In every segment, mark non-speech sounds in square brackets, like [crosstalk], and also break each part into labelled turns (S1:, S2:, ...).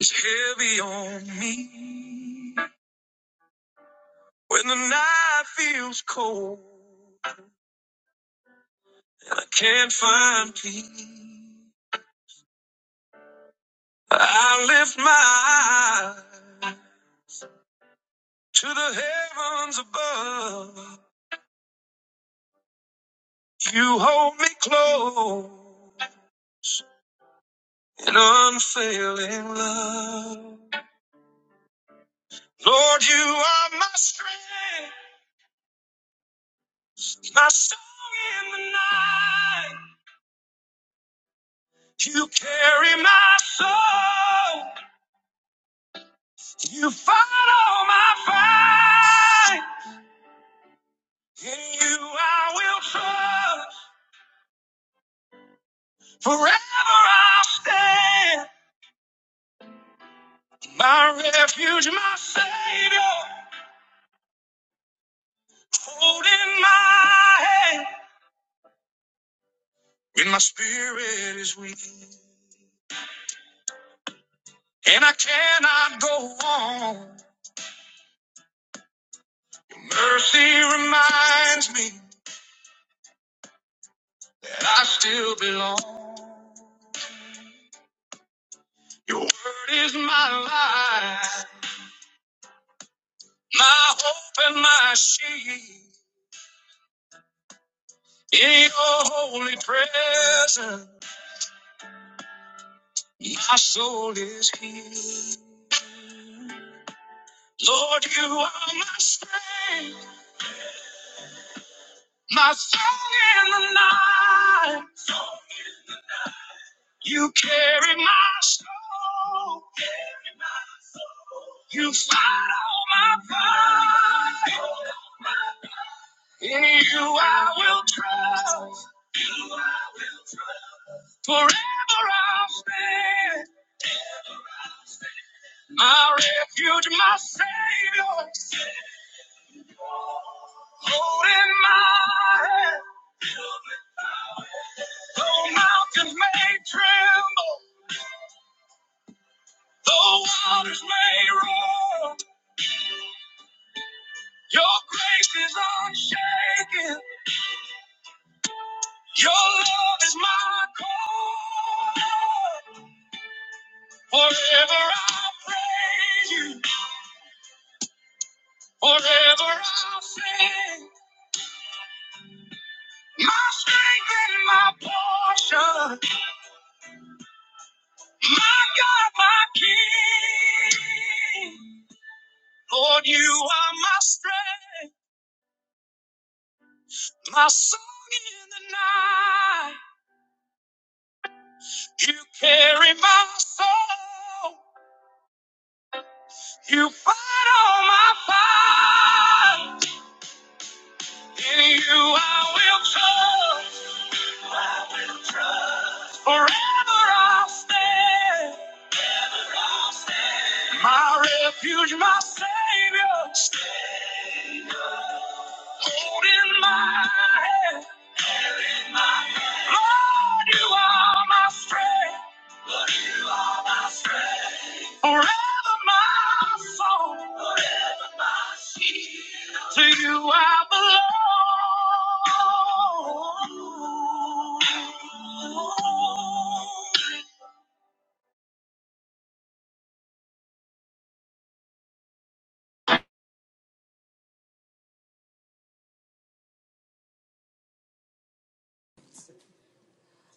S1: is heavy on me. When the night feels cold and I can't find peace, I lift my eyes to the heavens above. You hold me close in unfailing love. Lord, you are my strength, my song in the night. You carry my soul. You fight all my fight. In you I will trust. Forever I'll stand. My refuge, my savior. Holding my hand. When my spirit is weak and I cannot go on. Mercy reminds me that I still belong. Your word is my life, my hope and my shield. In your holy presence, my soul is healed. Lord, you are my strength, my song in the night. You carry my soul. You fight all my fight. In you I will trust. Forever I'll stand. My refuge, my savior. Holding my hand, though mountains may tremble, though waters may roar, your grace is unshaken, your love is my core. Forever I praise you, forever I sing, my strength and my portion, my God, my King. Lord, you are my strength, my song in the night. You carry my soul. You fight all my fight. In you I will trust. Never I'll stand. I'll stand. My refuge, my savior, hold in my hand. In my hand. Lord, you are my strength. Lord, you are my strength. Forever my song, forever my shield. To you I belong.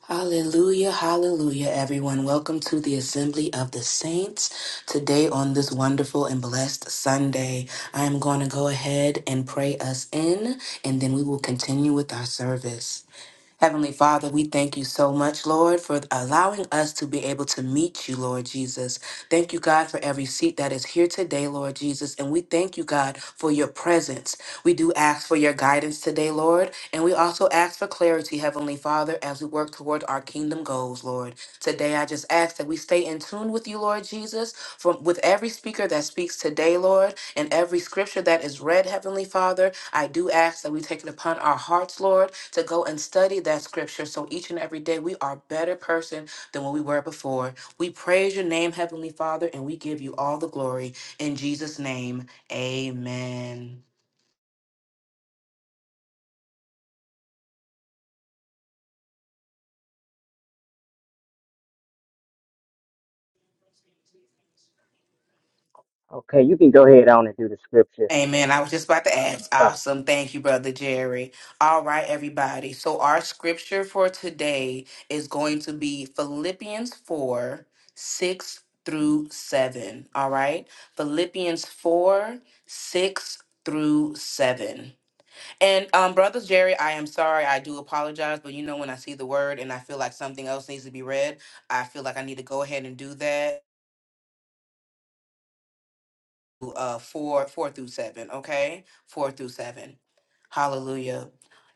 S2: Hallelujah, hallelujah, everyone. Welcome to the Assembly of the Saints today on this wonderful and blessed Sunday. I am going to go ahead and pray us in, and then we will continue with our service. Heavenly Father, we thank you so much, Lord, for allowing us to be able to meet you, Lord Jesus. Thank you, God, for every seat that is here today, Lord Jesus. And we thank you, God, for your presence. We do ask for your guidance today, Lord. And we also ask for clarity, Heavenly Father, as we work toward our kingdom goals, Lord. Today, I just ask that we stay in tune with you, Lord Jesus, from with every speaker that speaks today, Lord. And every scripture that is read, Heavenly Father, I do ask that we take it upon our hearts, Lord, to go and study that scripture so each and every day we are a better person than when we were before. We praise your name, Heavenly Father, and we give you all the glory. In Jesus' name, amen.
S3: Okay, you can go ahead on and do the scripture.
S2: Amen. I was just about to ask.
S3: Uh,
S2: Awesome. Thank you, Brother Jerry. All right, everybody. So, our scripture for today is going to be Philippians 4 6 through 7. All right. Philippians 4 6 through 7. And, um, Brother Jerry, I am sorry. I do apologize, but you know, when I see the word and I feel like something else needs to be read, I feel like I need to go ahead and do that. uh four four through seven okay four through seven hallelujah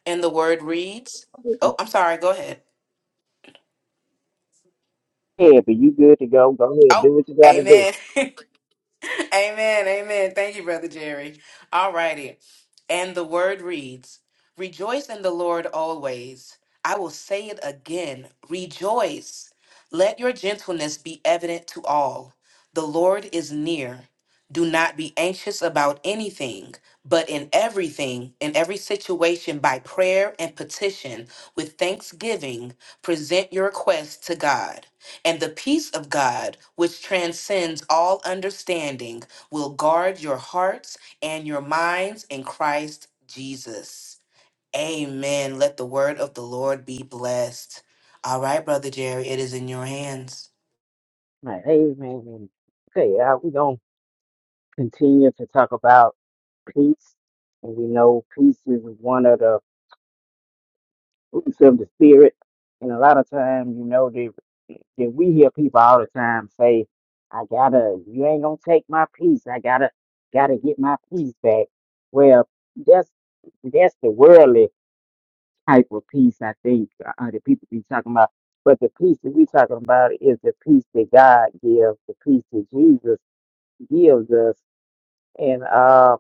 S2: and the word reads oh i'm sorry go ahead
S3: Yeah, but you good to go. Go ahead,
S2: oh
S3: do what you gotta do.
S2: amen [laughs] amen amen thank you brother jerry Alrighty. And the word reads Rejoice in the Lord always. I will say it again rejoice. Let your gentleness be evident to all. The Lord is near. Do not be anxious about anything, but in everything, in every situation, by prayer and petition, with thanksgiving, present your requests to God. And the peace of God, which transcends all understanding, will guard your hearts and your minds in Christ Jesus. Amen. Let the word of the Lord be blessed. All right, Brother Jerry, it is in your hands.
S3: Right, amen. Okay, uh, we're gonna continue to talk about peace, and we know peace is one of the fruits of the spirit. And a lot of times, you know, that, that we hear people all the time say, "I gotta, you ain't gonna take my peace. I gotta, gotta get my peace back." Well, that's that's the world. type of peace I think uh, that people be talking about. But the peace that we're talking about is the peace that God gives, the peace that Jesus gives us. And uh,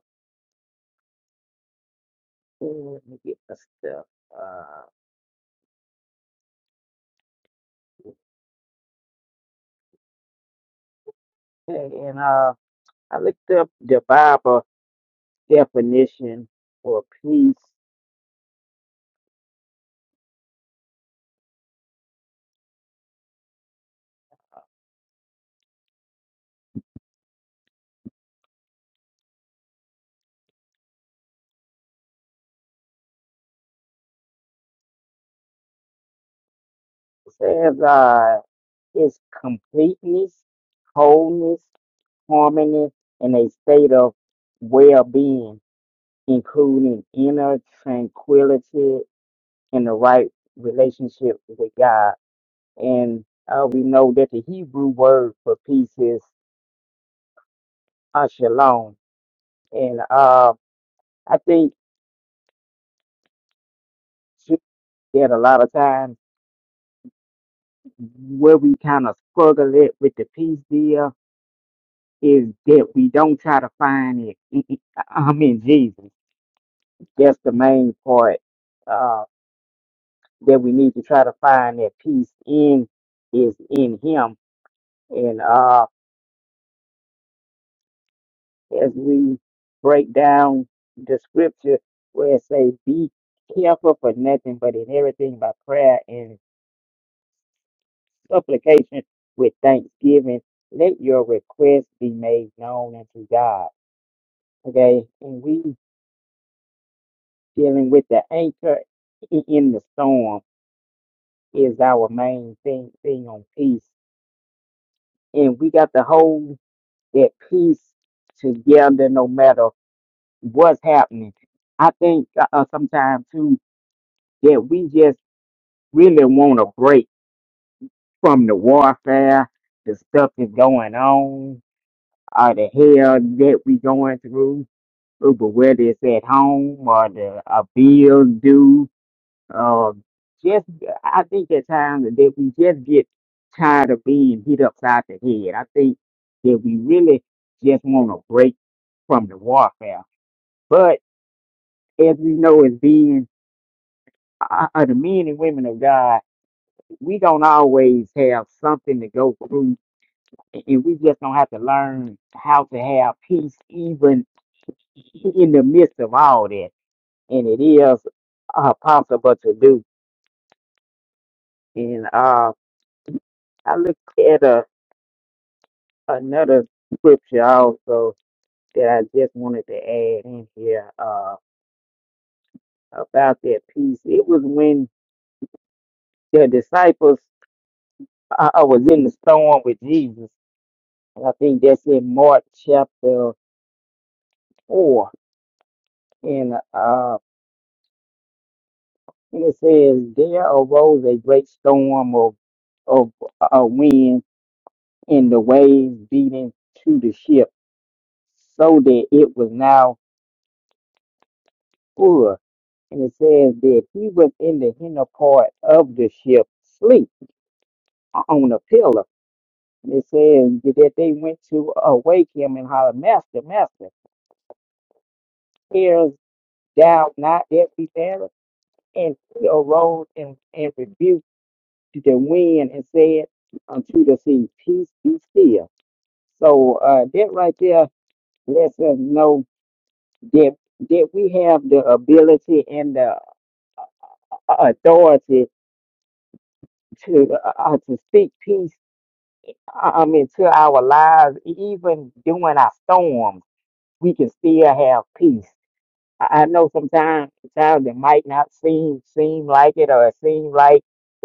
S3: let me get my stuff. Uh, okay, and uh, I looked up the Bible definition for peace. It says uh, it's completeness, wholeness, harmony, and a state of well-being, including inner tranquility in the right relationship with God. And uh, we know that the Hebrew word for peace is uh, shalom. And uh, I think too, that a lot of times where we kind of struggle it with the peace deal is that we don't try to find it. in- in- I mean, Jesus. That's the main part uh, that we need to try to find that peace in is in Him. And uh, as we break down the scripture where it says, Be careful for nothing, but in everything by prayer and supplication with thanksgiving, let your request be made known unto God. Okay, and we dealing with the anchor i- in the storm is our main thing thing on peace. And we got to hold that peace together no matter what's happening. I think uh, sometimes too that we just really want a break from the warfare, the stuff that's going on, or the hell that we going through, uh, but whether it's at home or the a bill due, uh, just I think at times that we just get tired of being hit upside the head. I think that we really just want a break from the warfare. But as we know, as being uh, uh, the men and women of God, we don't always have something to go through and and we just gonna have to learn how to have peace even in the midst of all that. And it is uh, possible to do. And uh, I looked at a, another scripture also that I just wanted to add in here uh, about that peace. It was when the disciples uh, uh, was in the storm with Jesus. And I think that's in Mark chapter 4. And uh, And it says, There arose a great storm of, of uh, wind and the waves beating to the ship, so that it was now full. And it says that he was in the inner part of the ship, sleep on a pillar. And it says that they went to awake him and hollered, Master, Master, hearest thou not that we perish? And he arose and, and rebuked the wind and said unto the sea, Peace be still So uh, that right there lets us know that that we have the ability and the uh, authority to uh, uh, to speak peace. I I mean, to our lives, E- even during our storms, we can still have peace. I I know sometimes, sometimes it might not seem seem like it, or it seem like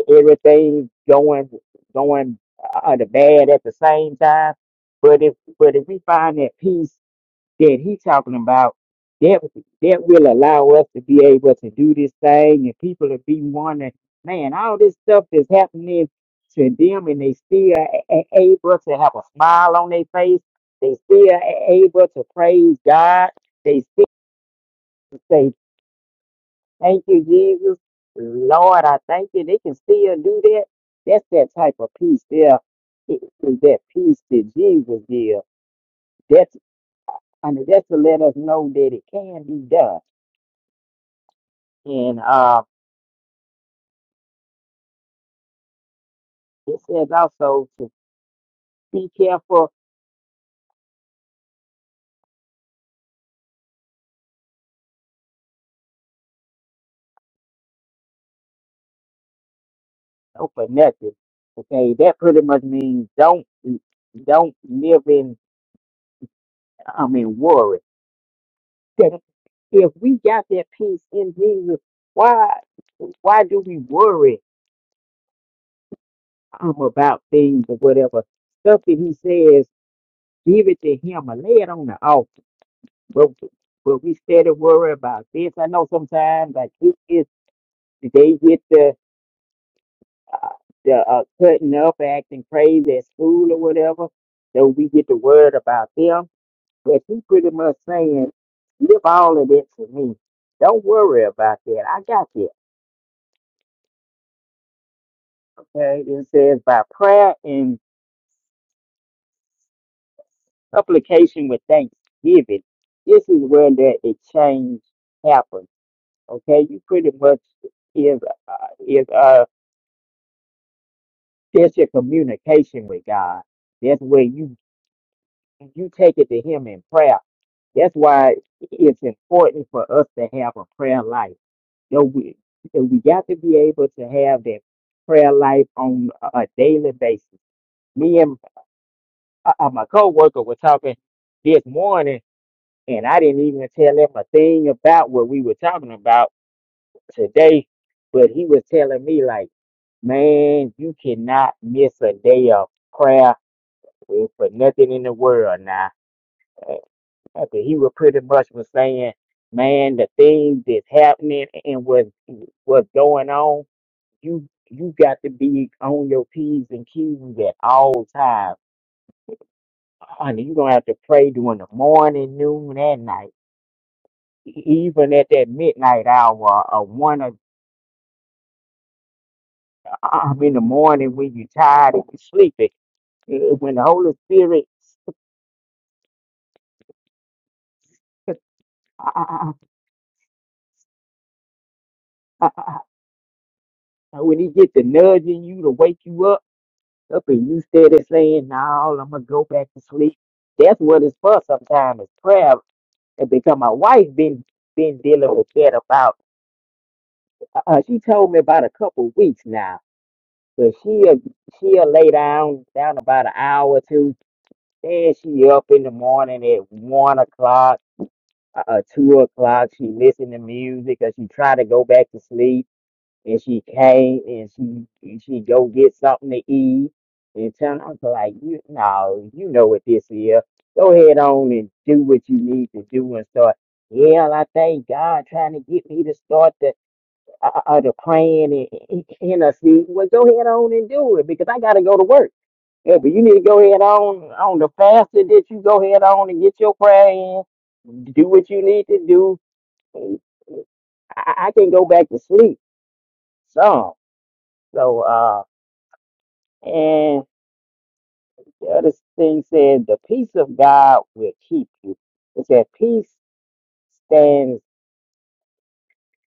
S3: everything's going going uh, the bad at the same time. But if but if we find that peace that he talking about that that will allow us to be able to do this thing and people to be wondering, man, all this stuff is happening to them and they still a- a- able to have a smile on their face. They still a- able to praise God. They still say, thank you, Jesus. Lord, I thank you. They can still do that. That's that type of peace there. It is that peace that Jesus gives. That's I mean, that's to let us know that it can be done And uh, it says also to be careful of for nothing. Okay, that pretty much means don't don't live in I mean worry. That If we got that peace in Jesus, why why do we worry um, about things or whatever stuff that He says? Give it to Him or lay it on the altar. But, but we steady worry about this. I know sometimes like it is they get the the uh, cutting up, acting crazy at school or whatever. So we get the word about them. But she pretty much saying, leave all of that to me. Don't worry about that. I got you. Okay. It says by prayer and supplication with thanksgiving. This is where that exchange happens. Okay. You pretty much is uh, is uh that's your communication with God. That's where you you take it to him in prayer. That's why it's important for us to have a prayer life. You know, we, and we got to be able to have that prayer life on a a daily basis. Me and uh, uh, my coworker were talking this morning, and I didn't even tell him a thing about what we were talking about today. But he was telling me, like, man, you cannot miss a day of prayer for nothing in the world now Okay, he was pretty much was saying, man, the things that's happening and what what's going on, you you got to be on your p's and q's at all times. Honey, you gonna have to pray during the morning, noon, and night. E- Even at that midnight hour or one or um, in the morning when you're tired and you're sleepy. Uh, When the Holy Spirit uh, uh, uh, uh, uh, uh, when he get to nudging you to wake you up Up and you steady saying, no, I'm gonna go back to sleep. That's what it's for sometimes is prayer. And because my wife been been dealing with that about uh, she told me about a couple of weeks now. But she'll she'll lay down down about an hour or two. Then she up in the morning at one o'clock, uh, uh, two o'clock. She listen to music or she try to go back to sleep and she came and she and she go get something to eat and tell I was like, you no, you know what this is. Go ahead on and do what you need to do and start. Yeah, I thank God trying to get me to start the uh, uh, uh, the praying and interceding. Well, go ahead on and do it because I gotta go to work. Yeah, but you need to go ahead on on the faster that you go ahead on and get your prayer in. Do what you need to do. I, I can go back to sleep. So, so. uh. And the other thing said, the peace of God will keep you. It said, peace stands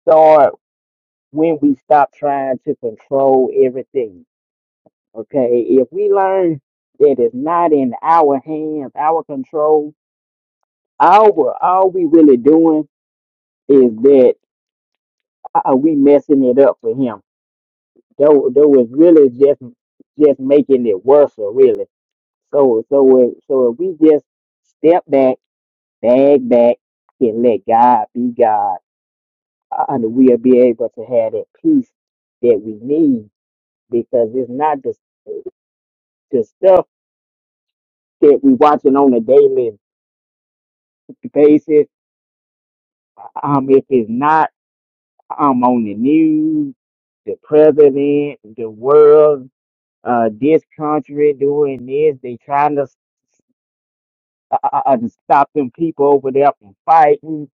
S3: guard when we stop trying to control everything. Okay, if we learn that it's not in our hands, our control, all we all we really doing is that uh, we messing it up for him. Though, though it's really just just making it worse, or really. So, so, if- so if we just step back Bag back and let God be God. Uh, And we'll be able to have that peace that we need because it's not the, the stuff that we watching on a daily basis. Um, if it's not um, on the news, the president, the world, uh, this country doing this. They trying to uh, uh, uh, stop them people over there from fighting.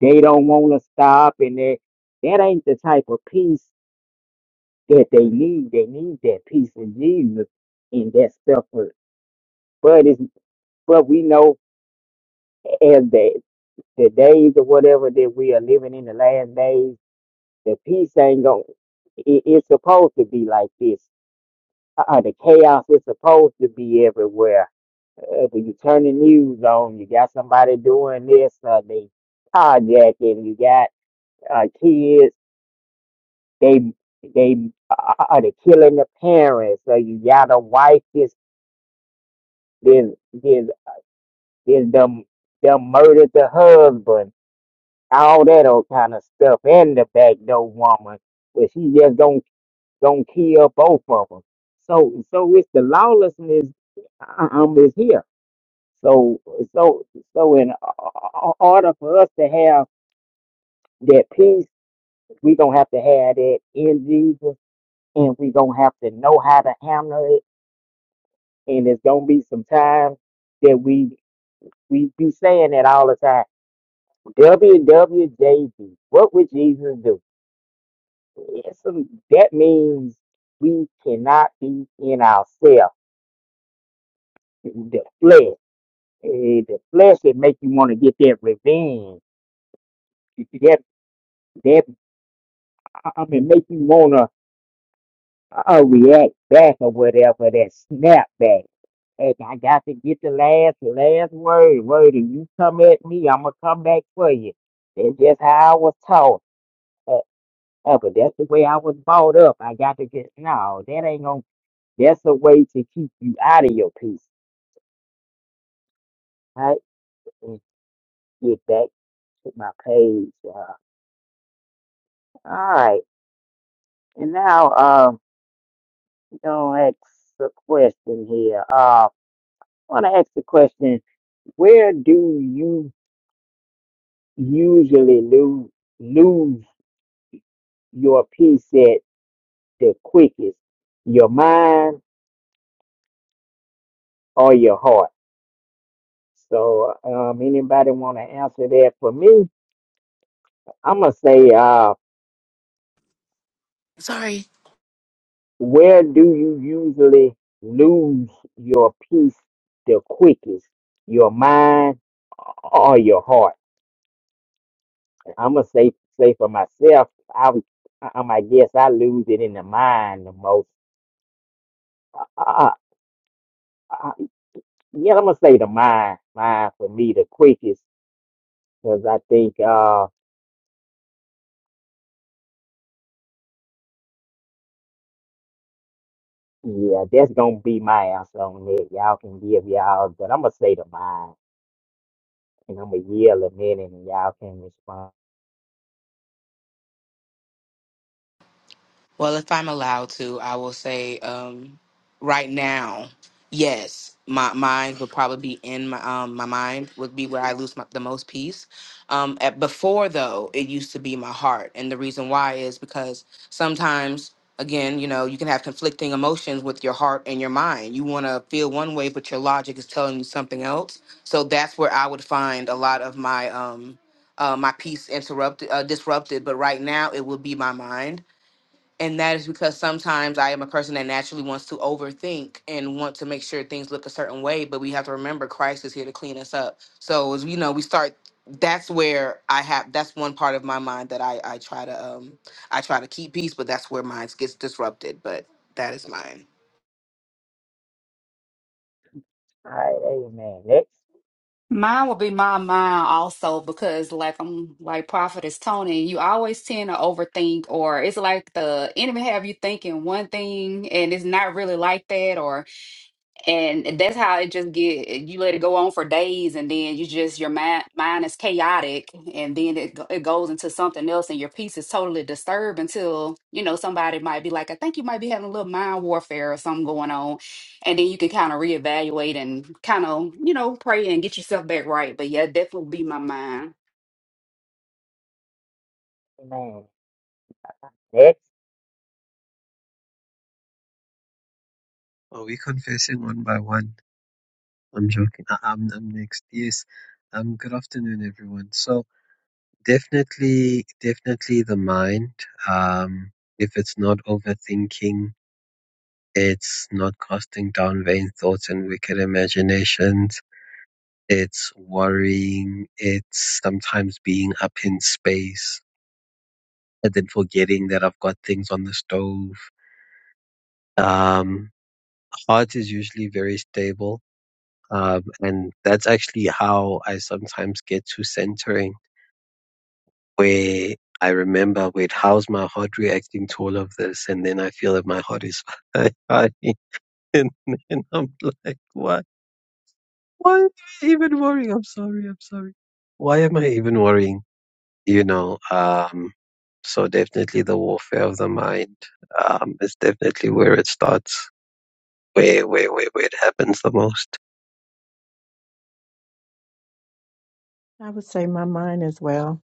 S3: They don't want to stop, and that that ain't the type of peace. that they need. They need that peace of Jesus in that suffering. But it's but we know as the the days or whatever that we are living in the last days, the peace ain't going. It, it's supposed to be like this. Uh, uh, the chaos is supposed to be everywhere. Uh, when you turn the news on, you got somebody doing this. Uh, they carjacking. You got uh, kids. They they uh, uh, uh, they killing the parents. So you got a wife that's this Then them them murdered the husband, all that old kind of stuff, and the back door woman. But she just gonna gonna kill both of them. So so it's the lawlessness uh, um is here. So so so in o- order for us to have that peace, we gonna have to have that in Jesus, and we gonna have to know how to handle it. And it's gonna be some time that we we be saying that all the time WWJD. What would Jesus do? It's some, that means we cannot be in ourselves. The flesh. Eh, The flesh that make you want to get that revenge. That that I mean make you wanna uh, react back or whatever, that snap back. And I got to get the last last word. Word, if you come at me, I'm gonna come back for you. That's just how I was taught. Oh, but that's the way I was brought up. I got to get no, that ain't gonna that's a way to keep you out of your peace. Right? Let me get back to my page. Uh, all right. And now um gonna ask a question here. Uh wanna ask the question, where do you usually lose lose your peace at the quickest? Your mind or your heart? So um anybody wanna answer that for me? I'm gonna say, uh,
S2: Sorry.
S3: where do you usually lose your peace the quickest, your mind or your heart? I'm gonna say, say for myself, I, would- I, I'm- I guess I lose it in the mind the most. Uh, uh, uh, uh, yeah, I'm gonna say the mind, mind for me the quickest, because I think, uh, yeah, that's gonna be my answer on it. Y'all can give y'all, but I'm gonna say the mind, and I'm gonna yell a minute, and y'all can respond.
S2: Well, if I'm allowed to, I will say um, right now, yes, my mind would probably be in my um, my mind would be where I lose my, the most peace. Um, at, before though, it used to be my heart, and the reason why is because sometimes. Again, you know, you can have conflicting emotions with your heart and your mind. You want to feel one way, but your logic is telling you something else. So that's where I would find a lot of my um, uh, my peace interrupted, uh, disrupted. But right now, it would be my mind and that is because sometimes I am a person that naturally wants to overthink and want to make sure things look a certain way. But we have to remember Christ is here to clean us up. So as you know, we start. That's where I have. That's one part of my mind that I I try to um I try to keep peace, but that's where mine gets disrupted. But that is mine.
S3: All right, amen. Next,
S4: Mine would be my mind also because like I'm like Prophetess Tony, you always tend to overthink or it's like the enemy have you thinking one thing and it's not really like that or and that's how it just get eh, you let it go on for days and then you just your mind mind is chaotic and then it, go- it goes into something else and your peace is totally disturbed until you know somebody might be like i think you might be having a little mind warfare or something going on and then you can kind of reevaluate and kind of you know pray and get yourself back right but yeah definitely be my mind
S3: amen. Next,
S5: Are we confessing one by one? I'm joking. I, I'm, I'm next. Yes. Um, good afternoon, everyone. So definitely, definitely the mind. Um, if it's not overthinking, it's not casting down vain thoughts and wicked imaginations. It's worrying. It's sometimes being up in space and then forgetting that I've got things on the stove. Um, heart is usually very stable Um, and that's actually how I sometimes get to centering, where I remember, wait, how's my heart reacting to all of this? And then I feel that my heart is [laughs] fighting. and then I'm like, why? Why am I even worrying? I'm sorry. I'm sorry. Why am I even worrying? You know, um, so definitely the warfare of the mind um, is definitely where it starts, where, where, where, where it happens the most.
S1: I would say my mind as well.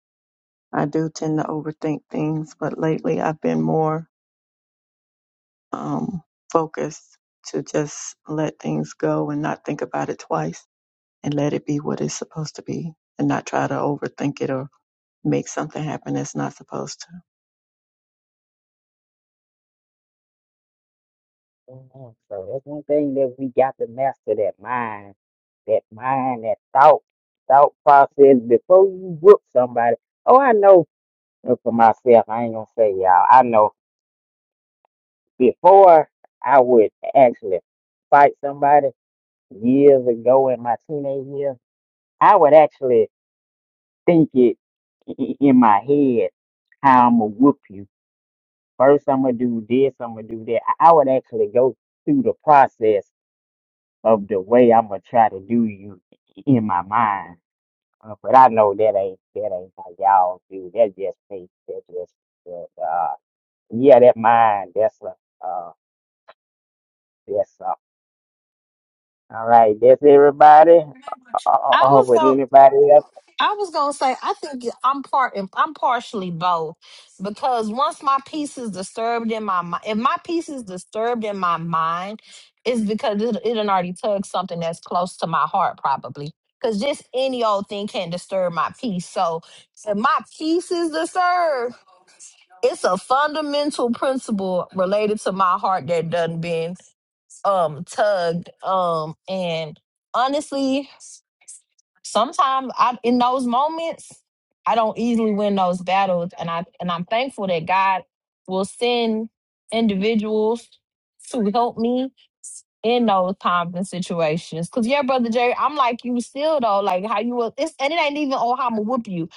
S1: I do tend to overthink things, but lately I've been more um, focused to just let things go and not think about it twice and let it be what it's supposed to be and not try to overthink it or make something happen that's not supposed to.
S3: amen. So that's one thing that we got to master that mind, that mind, that thought, thought process before you whoop somebody. Oh, I know uh, for myself, I ain't gonna say y'all. I know before I would actually fight somebody years ago in my teenage years, I would actually think it i- i- in my head how I'm gonna whoop you First, I'm gonna do this. I'm gonna do that. I, I would actually go through the process of the way I'm gonna try to do you in my mind. Uh, but I know that ain't that ain't how y'all do. That just me. That just that, uh, yeah. That mind. That's a uh, that's a. All right. That's everybody.
S6: I
S3: Oh,
S6: was
S3: with
S6: going to
S3: anybody else?
S6: I was gonna say I think I'm part I'm partially both because once my peace is disturbed in my mind, if my peace is disturbed in my mind, it's because it it done already tugged something that's close to my heart probably. Cause just any old thing can disturb my peace. So if my peace is disturbed, it's a fundamental principle related to my heart that done been um tugged. Um and honestly, sometimes I in those moments I don't easily win those battles and I and I'm thankful that God will send individuals to help me in those times and situations. Cause yeah, brother Jerry, I'm like you still though, like how you will it's and it ain't even oh how I'ma whoop you.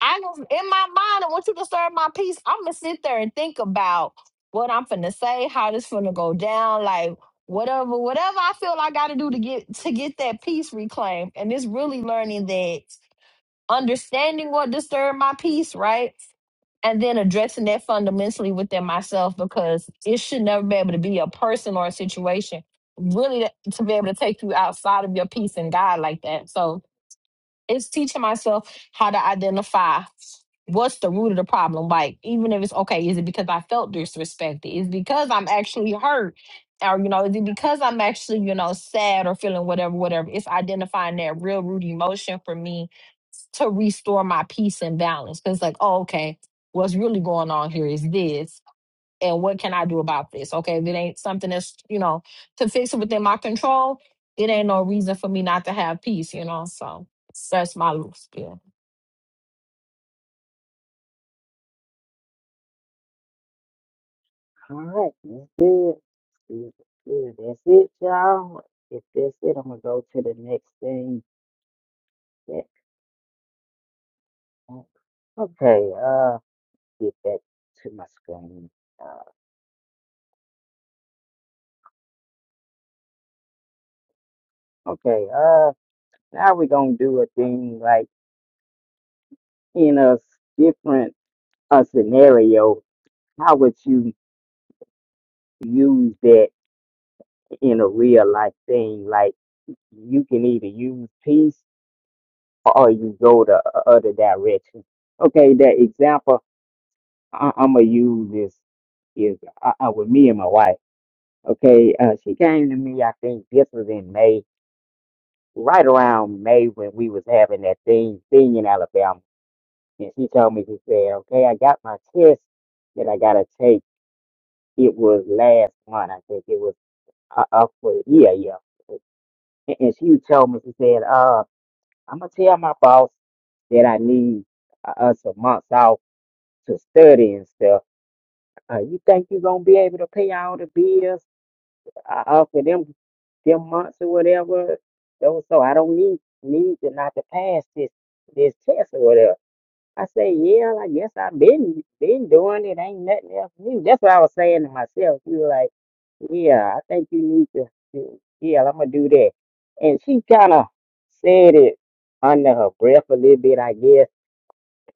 S6: I was in my mind, and once you disturb my peace, I'm gonna sit there and think about what I'm finna say, how this finna go down, like whatever, whatever I feel I gotta do to get to get that peace reclaimed. And it's really learning that understanding what disturbed my peace, right? And then addressing that fundamentally within myself because it should never be able to be a person or a situation really to be able to take you outside of your peace and God like that. So it's teaching myself how to identify what's the root of the problem. Like, even if it's okay, is it because I felt disrespected? Is it because I'm actually hurt? Or, you know, is it because I'm actually, you know, sad or feeling whatever, whatever? It's identifying that real root emotion for me to restore my peace and balance. Because, like, oh, okay, what's really going on here is this and what can I do about this? Okay, if it ain't something that's, you know, to fix it within my control, it ain't no reason for me not to have peace, you know. So that's my little spiel.
S3: All right. That's it. That's it. That's it, y'all. If that's it, I'm gonna go to the next thing. Yeah. Okay. uh, get back to my screen. Uh, okay, uh, now we're gonna do a thing like in a s- different uh, scenario. How would you use that in a real life thing? Like you can either use peace or you go the o- other direction. Okay, that example I- I'm gonna use is is I, I with me and my wife. Okay, uh, she came to me. I think this was in May, right around May when we was having that thing thing in Alabama. And she told me, she said, okay, I got my test that I got to take. It was last month. I think it was uh, up for the year, yeah. And and she told me, she said, uh, I'm going to tell my boss that I need uh, us a month off to study and stuff. Uh, you think you're going to be able to pay all the bills uh, uh, for them them months or whatever. So, so I don't need need to not to pass this this test or whatever. I say, yeah, I guess I've been been doing it. Ain't nothing else new. That's what I was saying to myself. We were like, yeah, I think you need to, to- yeah, I'm gonna do that. And she kind of said it under her breath a little bit, I guess,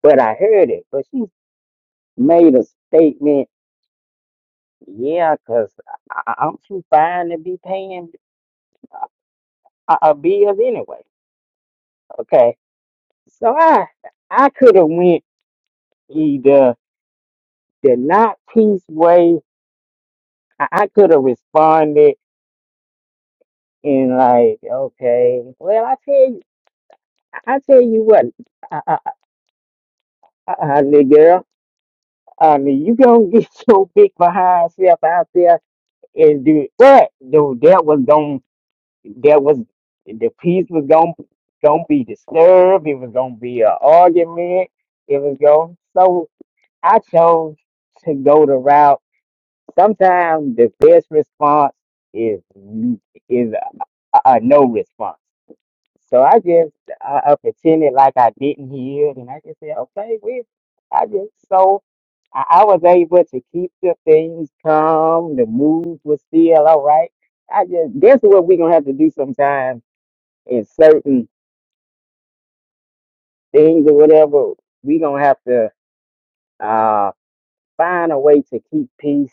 S3: but I heard it. But she made a statement, yeah, 'cause I, I- am too fine to be paying uh, uh, bills anyway. Okay, so I I could have went either the not peace way. I could have responded And like, okay, well, I tell you, I tell you what, I, I, I, I, little girl, I mean, you gonna get [laughs] your big behind self out there and do that. Though that was going, that was the peace was gonna gonna be disturbed. It was gonna be an argument. It was going. So I chose to go the route. Sometimes the best response is is a, a no response. So I just I, I pretended like I didn't hear it, and I just said, "Okay, we." I just so I, I was able to keep the things calm. The mood was still all right. I just that's what we are gonna have to do sometimes in certain things or whatever. We are gonna have to uh find a way to keep peace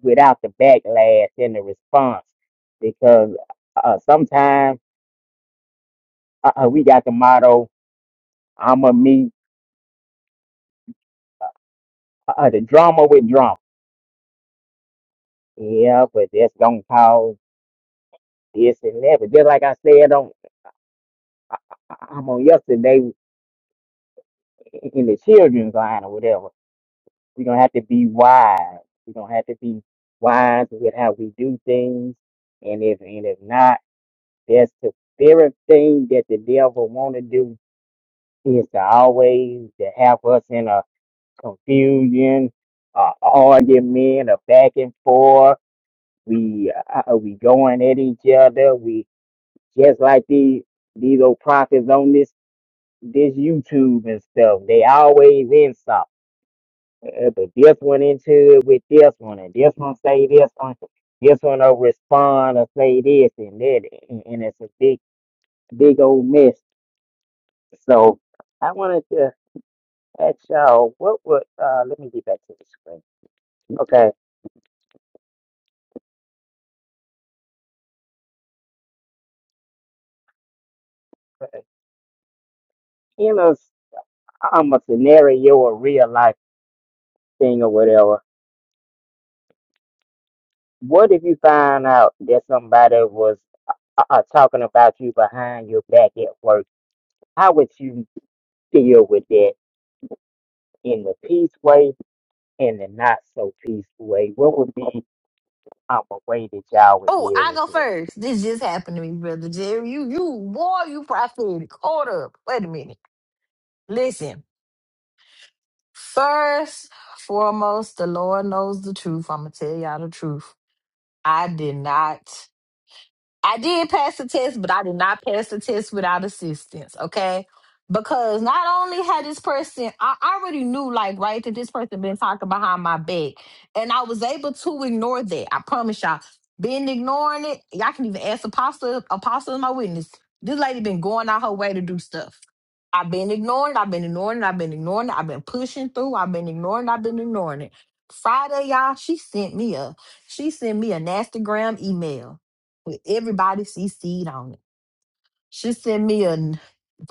S3: without the backlash and the response because uh sometimes uh, uh, we got the motto "I'ma meet uh, uh, the drama with drama." Yeah, but that's gonna cause this and that. But just like I said on I'm on yesterday in the children's line or whatever, we're gonna have to be wise. We're gonna have to be wise with how we do things. And if and if not, that's the very thing that the devil wanna do is to always to have us in a confusion, uh, argument, a back and forth. We uh, uh, we going at each other. We just like these these old prophets on this this YouTube and stuff. They always insult. Uh, But this one into it with this one, and this one say this one, this one will respond or say this and that, and and it's a big big old mess. So I wanted to ask y'all, what would uh let me get back to the screen. Okay, in a s- um a scenario or real life thing or whatever, what if you find out that somebody was uh, talking about you behind your back at work. How would you deal with that in the peace way and the not so peace way? What would be um, a way that y'all would
S6: Oh,
S3: deal
S6: I
S3: with
S6: go
S3: that?
S6: first. This just happened to me, brother Jerry. You, you, boy, you prophetic. Hold up. Wait a minute. Listen, first, foremost, the Lord knows the truth. I'm going to tell y'all the truth. I did not. I did pass the test, but I did not pass the test without assistance, okay? Because not only had this person, I I already knew, like, right, that this person been talking behind my back. And I was able to ignore that. I promise y'all. Been ignoring it. Y'all can even ask Apostle, Apostle is my witness. This lady been going out her way to do stuff. I've been ignoring it. I've been ignoring it. I've been ignoring it. I've been pushing through. I've been ignoring it. I've been ignoring it. Friday, y'all, she sent me a, she sent me a nastygram email with everybody CC'd on it. She sent me an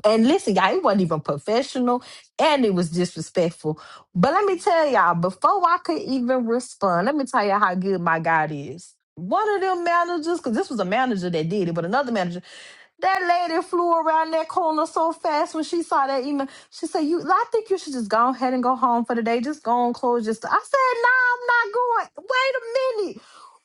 S6: and listen, y'all, it wasn't even professional and it was disrespectful. But let me tell y'all, before I could even respond, let me tell y'all how good my God is. One of them managers, because this was a manager that did it, but another manager, that lady flew around that corner so fast when she saw that email. She said, You I think you should just go ahead and go home for the day. Just go and close your store. I said, No, I'm not going. Wait a minute.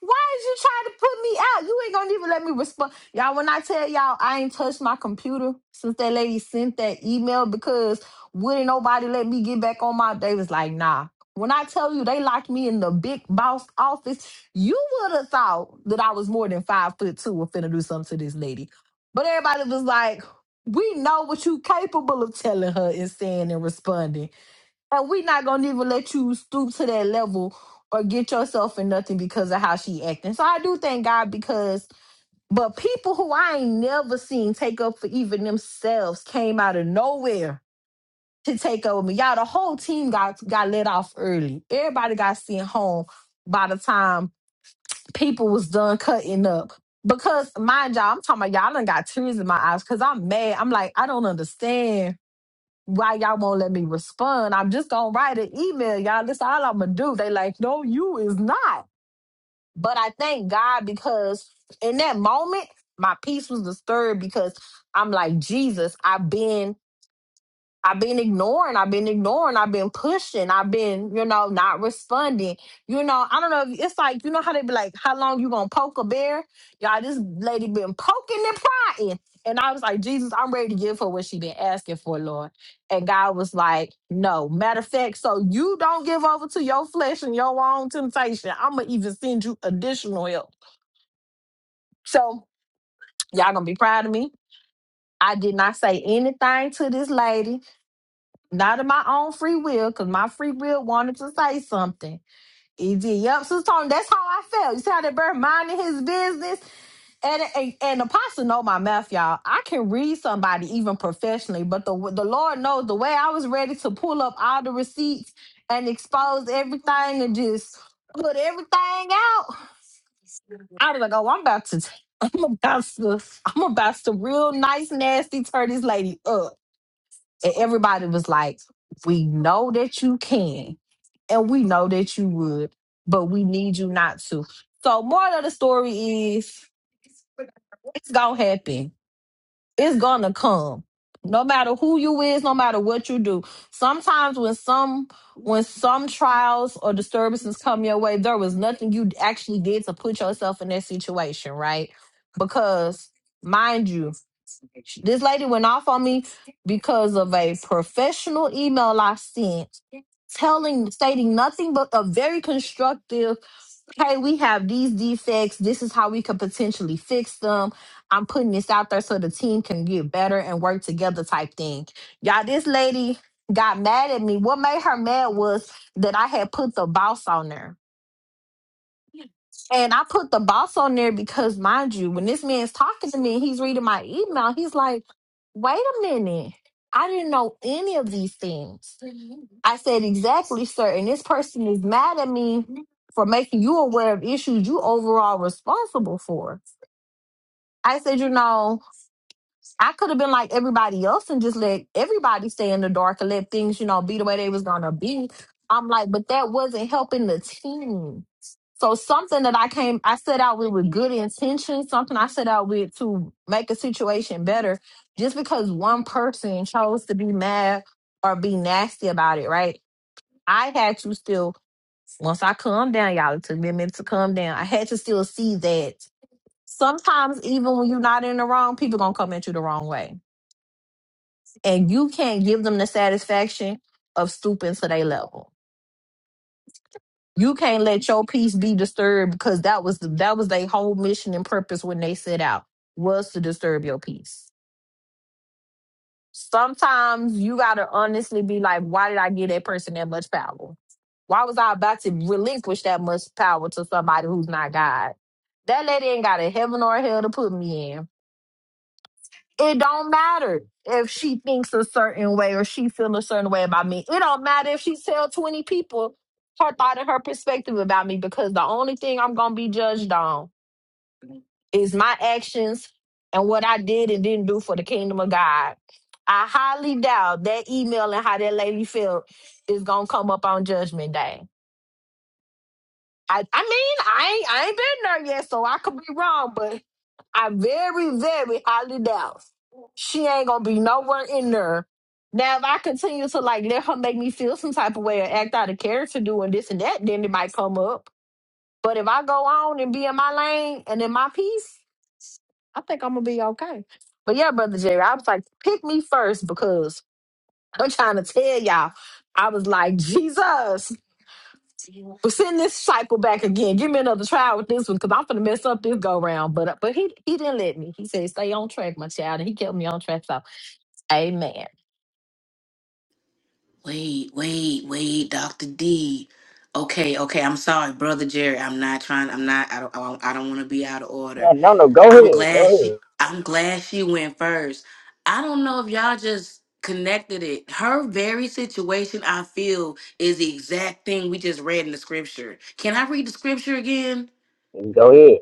S6: Why is you trying to put me out? You ain't gonna even let me respond. Y'all, when I tell y'all I ain't touched my computer since that lady sent that email because wouldn't nobody let me get back on my they was like, nah. When I tell you they locked me in the big boss office, you would have thought that I was more than five foot two or finna do something to this lady. But everybody was like, we know what you capable of telling her and saying and responding. And we not gonna even let you stoop to that level or get yourself in nothing because of how she acting. So I do thank God because but people who I ain't never seen take up for even themselves came out of nowhere to take over me. Y'all, the whole team got got let off early. Everybody got sent home by the time people was done cutting up. Because mind y'all, I'm talking about y'all done got tears in my eyes because I'm mad. I'm like, I don't understand why y'all won't let me respond. I'm just gonna write an email, y'all. That's all I'm gonna do. They like, no, you is not. But I thank God because in that moment, my peace was disturbed because I'm like, Jesus, I've been I've been ignoring, I've been ignoring, I've been pushing, I've been, you know, not responding. You know, I don't know if it's like, you know how they be like, how long you gonna poke a bear? Y'all, this lady been poking and prying. And I was like, Jesus, I'm ready to give her what she been asking for, Lord. And God was like, no. Matter of fact, so you don't give over to your flesh and your own temptation. I'ma even send you additional help. So y'all gonna be proud of me. I did not say anything to this lady. Not of my own free will, because my free will wanted to say something. It did. Yep, Sister Tony, that's how I felt. You see how that bird minding his business? And, and and apostle know my math, y'all. I can read somebody even professionally, but the the Lord knows the way I was ready to pull up all the receipts and expose everything and just put everything out. I was like, oh, I'm about to, [laughs] I'm about to, I'm about to real nice, nasty turn this lady up. And everybody was like, We know that you can, and we know that you would, but we need you not to. So, more of the story is it's gonna happen, it's gonna come. No matter who you is, no matter what you do. Sometimes when some when some trials or disturbances come your way, there was nothing you actually did to put yourself in that situation, right? Because mind you, this lady went off on me because of a professional email I sent telling stating nothing but a very constructive hey we have these defects this is how we could potentially fix them i'm putting this out there so the team can get better and work together type thing y'all this lady got mad at me what made her mad was that i had put the boss on there and I put the boss on there because, mind you, when this man's talking to me and he's reading my email, he's like, wait a minute. I didn't know any of these things. I said, exactly, sir. And this person is mad at me for making you aware of issues you overall responsible for. I said, you know, I could have been like everybody else and just let everybody stay in the dark and let things, you know, be the way they was gonna be. I'm like, but that wasn't helping the team. So something that I came, I set out with with good intention, something I set out with to make a situation better. Just because one person chose to be mad or be nasty about it, right? I had to still, once I calmed down, y'all, it took me a minute to calm down. I had to still see that sometimes even when you're not in the wrong, people gonna come at you the wrong way and you can't give them the satisfaction of stooping to their level. You can't let your peace be disturbed because that was the, that was their whole mission and purpose when they set out was to disturb your peace. Sometimes you gotta honestly be like, why did I give that person that much power? Why was I about to relinquish that much power to somebody who's not God? That lady ain't got a heaven or a hell to put me in It don't matter if she thinks a certain way or she feel a certain way about me. It don't matter if she tell 20 people her thought and her perspective about me because the only thing I'm going to be judged on is my actions and what I did and didn't do for the kingdom of God. I highly doubt that email and how that lady felt is going to come up on judgment day. I I mean, I ain't I ain't been there yet, so I could be wrong, but I very, very highly doubt she ain't gonna be nowhere in there. Now, if I continue to like let her make me feel some type of way or act out of character doing this and that, then it might come up. But if I go on and be in my lane and in my piece, but yeah, brother Jerry, I was like, pick me first because I'm trying to tell y'all. I was like, [laughs] Jesus. But send this cycle back again. Give me another try with this one because I'm gonna mess up this go round. But uh, but he he didn't let me. He said stay on track, my child, and he kept me on track. So amen.
S2: Wait, wait, wait, Doctor D. Okay, okay. I'm sorry, brother Jerry. I'm not trying. I'm not. I don't. I don't want to be out of order.
S3: Yeah, no, no, go
S2: I'm
S3: ahead,
S2: glad she
S3: go
S2: I'm glad she went first. I don't know if y'all just connected it. Her very situation, I feel, is the exact thing we just read in the scripture. Can I read the scripture again?
S3: ahead, go ahead.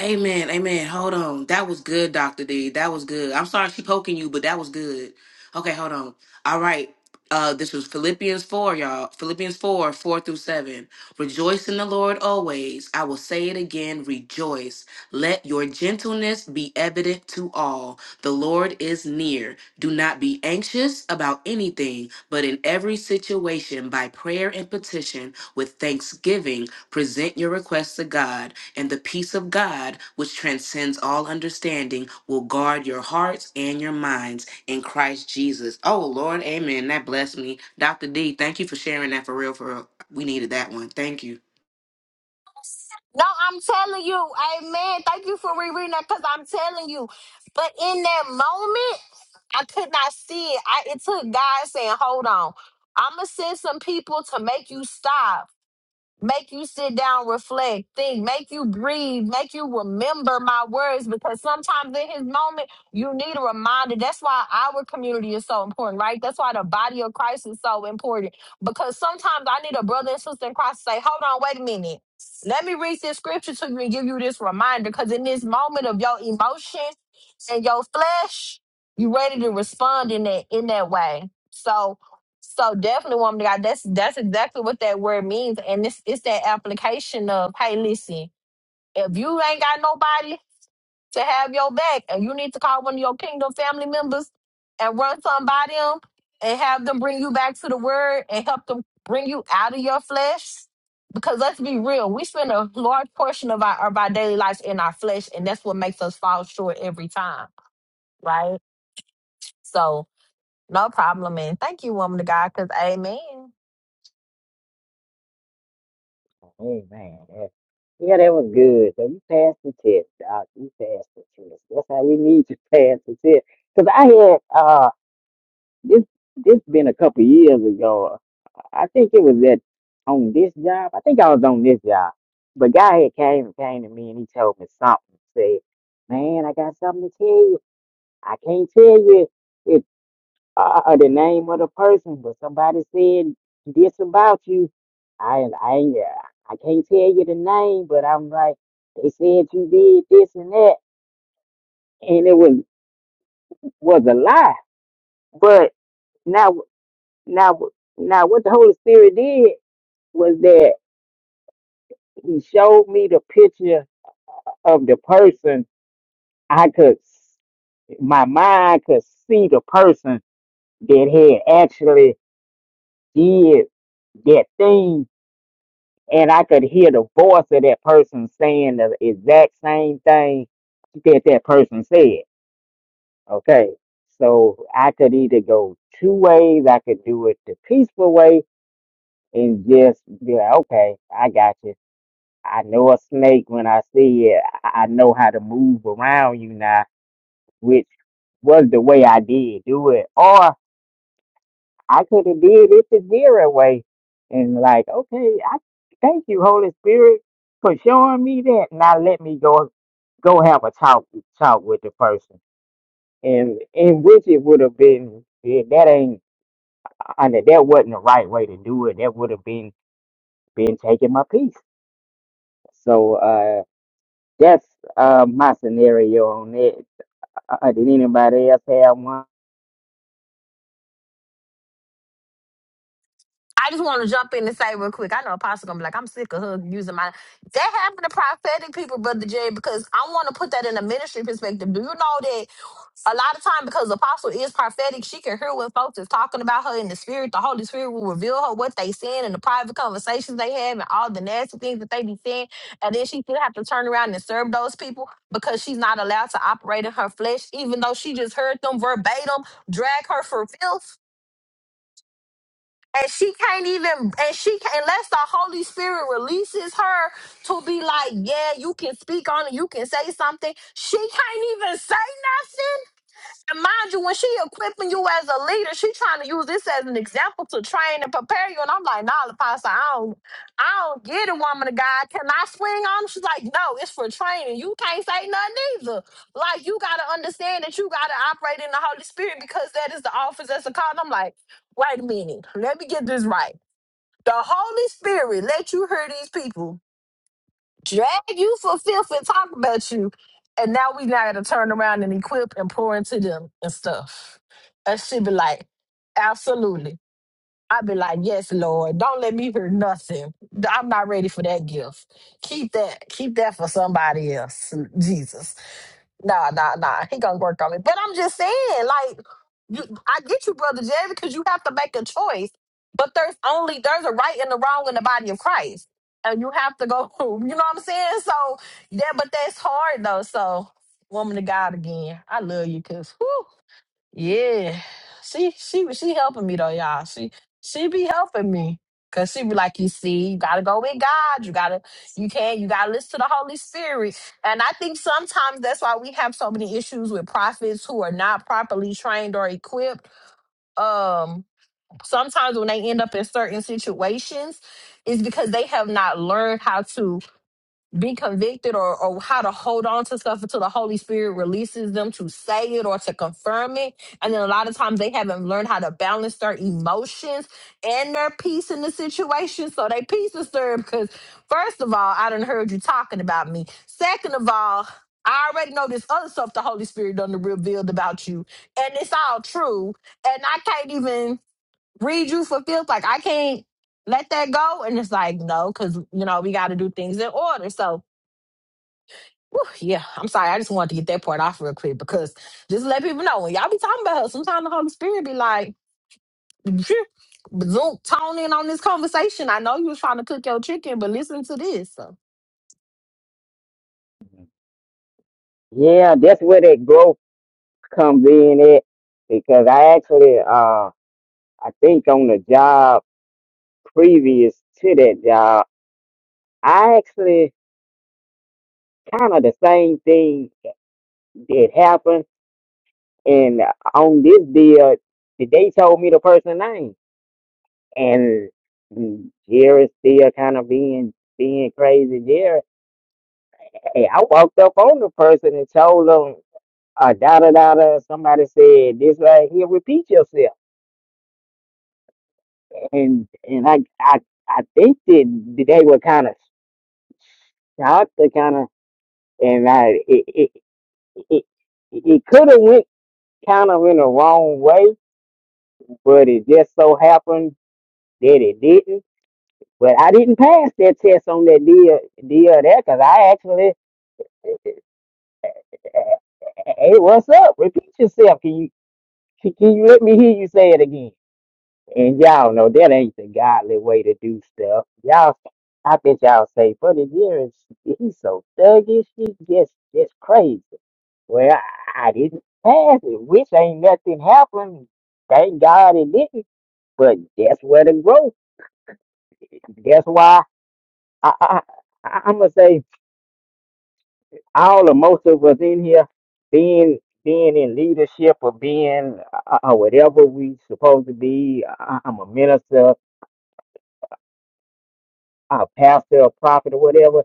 S2: Amen. Amen. Hold on. That was good, Dr. D. That was good. I'm sorry she poking you, but that was good. Okay, hold on. All right. Uh, this was Philippians 4, y'all. Philippians 4, 4 through 7. Rejoice in the Lord always. I will say it again, rejoice. Let your gentleness be evident to all. The Lord is near. Do not be anxious about anything, but in every situation, by prayer and petition, with thanksgiving, present your requests to God. And the peace of God, which transcends all understanding, will guard your hearts and your minds in Christ Jesus. Oh, Lord, amen. That blessed me. Dr. D, thank you for sharing that for real, for real. We needed that one. Thank you.
S6: No, I'm telling you, amen. Thank you for rereading that because I'm telling you. But in that moment, I could not see it. I, it took God saying, "Hold on, I'm gonna send some people to make you stop." make you sit down, reflect, think, make you breathe, make you remember my words because sometimes in his moment you need a reminder. That's why our community is so important, right? That's why the body of Christ is so important because sometimes I need a brother and sister in Christ to say, hold on, wait a minute. Let me read this scripture to you and give you this reminder because in this moment of your emotion and your flesh, you ready to respond in that in that way. So so definitely, woman of God, that's that's exactly what that word means, and it's it's that application of, hey, listen, if you ain't got nobody to have your back, and you need to call one of your kingdom family members and run something by them, and have them bring you back to the word and help them bring you out of your flesh, because let's be real, we spend a large portion of our of our daily lives in our flesh, and that's what makes us fall short every time, right? So no problem, and thank you, woman of God, because Amen.
S3: Hey man, that, yeah, that was good. So you passed the test, doc. You passed the test. That's how we need to pass the test. Cause I had uh, This this been a couple years ago. I think it was at on this job. I think I was on this job. But guy had came and came to me and he told me something. Said, "Man, I got something to tell you. I can't tell you if uh, uh, the name of the person, but somebody said this about you. I I ain't- yeah, I can't tell you the name, but I'm like they said you did this and that, and it was was a lie. But now Now, now what the Holy Spirit did was that He showed me the picture of the person. I could, my mind could see the person that had actually did that thing, and I could hear the voice of that person saying the exact same thing that that person said. Okay, so I could either go two ways. I could do it the peaceful way and just be like, okay, I got you I know a snake when I see it. I I know how to move around you now, which was the way I did do it. Or I could have did it the zero way and like, okay, I thank you, Holy Spirit, for showing me that. Now let me go go have a talk talk with the person. And in which it would have been yeah, that ain't under that wasn't the right way to do it. That would have been been taking my peace. So uh that's uh, my scenario on it. Uh, did anybody else have one?
S6: I just want to jump in and say real quick. I know Apostle gonna be like, I'm sick of her using my. That happened to prophetic people, Brother Jay, because I want to put that in a ministry perspective. Do you know that a lot of time because apostle is prophetic she can hear what folks is talking about her in the spirit the holy spirit will reveal her what they saying and the private conversations they have and all the nasty things that they be saying and then she still have to turn around and serve those people because she's not allowed to operate in her flesh even though she just heard them verbatim drag her for filth and she can't even and she can't unless the holy spirit releases her to be like yeah you can speak on it you can say something she can't even say and mind you, when she equipping you as a leader, she trying to use this as an example to train and prepare you. And I'm like, nah, Pastor, I don't, I don't get it, woman of God. Can I swing on? him?" She's like, no, it's for training. You can't say nothing either. Like, you got to understand that you got to operate in the Holy Spirit because that is the office that's a call. And I'm like, wait a minute. Let me get this right. The Holy Spirit let you hear these people drag you for filth and talk about you. And now we now gotta turn around and equip and pour into them and stuff. And she be like, absolutely. I be like, yes, Lord. Don't let me hear nothing. I'm not ready for that gift. Keep that. Keep that for somebody else, Jesus. Nah, nah, nah. He gonna work on it. But I'm just saying, like, you, I get you, brother Jay, because you have to make a choice. But there's only there's a right and a wrong in the body of Christ, and you have to go. [laughs] You know what I'm saying? So yeah, but that's hard though. So woman of God again, I love you, cause whew. Yeah. She she she helping me though, y'all. She she be helping me. Cause she be like, you see, you gotta go with God. You gotta you can't you gotta listen to the Holy Spirit. And I think sometimes that's why we have so many issues with prophets who are not properly trained or equipped. Um sometimes when they end up in certain situations, it's because they have not learned how to be convicted or, or how to hold on to stuff until the Holy Spirit releases them to say it or to confirm it. And then a lot of times they haven't learned how to balance their emotions and their peace in the situation. So they peace is disturbed because first of all, I done heard you talking about me. Second of all, I already know this other stuff the Holy Spirit done revealed about you. And it's all true. And I can't even read you for filth. Like I can't let that go. And it's like, no, because you know, we gotta do things in order. So Whew, yeah, I'm sorry. I just wanted to get that part off real quick because just to let people know when y'all be talking about her, sometimes the Holy Spirit be like, [laughs] "Phew, Zoom, tone in on this conversation. I know you was trying to cook your chicken, but listen to this. So
S3: Yeah, that's where that growth comes in at because I actually uh I think on the job previous to that job, I actually kind of the same thing that happened and on this deal they told me the person name and Jerry still kind of being being crazy Jerry. Hey, I walked up on the person and told told 'em uh, da da da da. Somebody said this right here. Repeat yourself, and and I I I think that they were kind of shocked. to kind of and I it it it, it could have went kind of in the wrong way, but it just so happened that it didn't. But I didn't pass that test on that deal deal there because I actually hey, what's up? Repeat yourself. Can you can can you let me hear you say it again? And y'all know that ain't the godly way to do stuff. Y'all, I bet y'all say, but the year is he's so thuggish, he just just crazy. Well, I, I didn't pass it, which ain't nothing happened. Thank God it didn't. But that's where the growth. That's why I, I, I I'm gonna say all or most of us in here being being in leadership or being uh, uh, whatever we supposed to be. I, I'm a minister, a pastor, a prophet, or whatever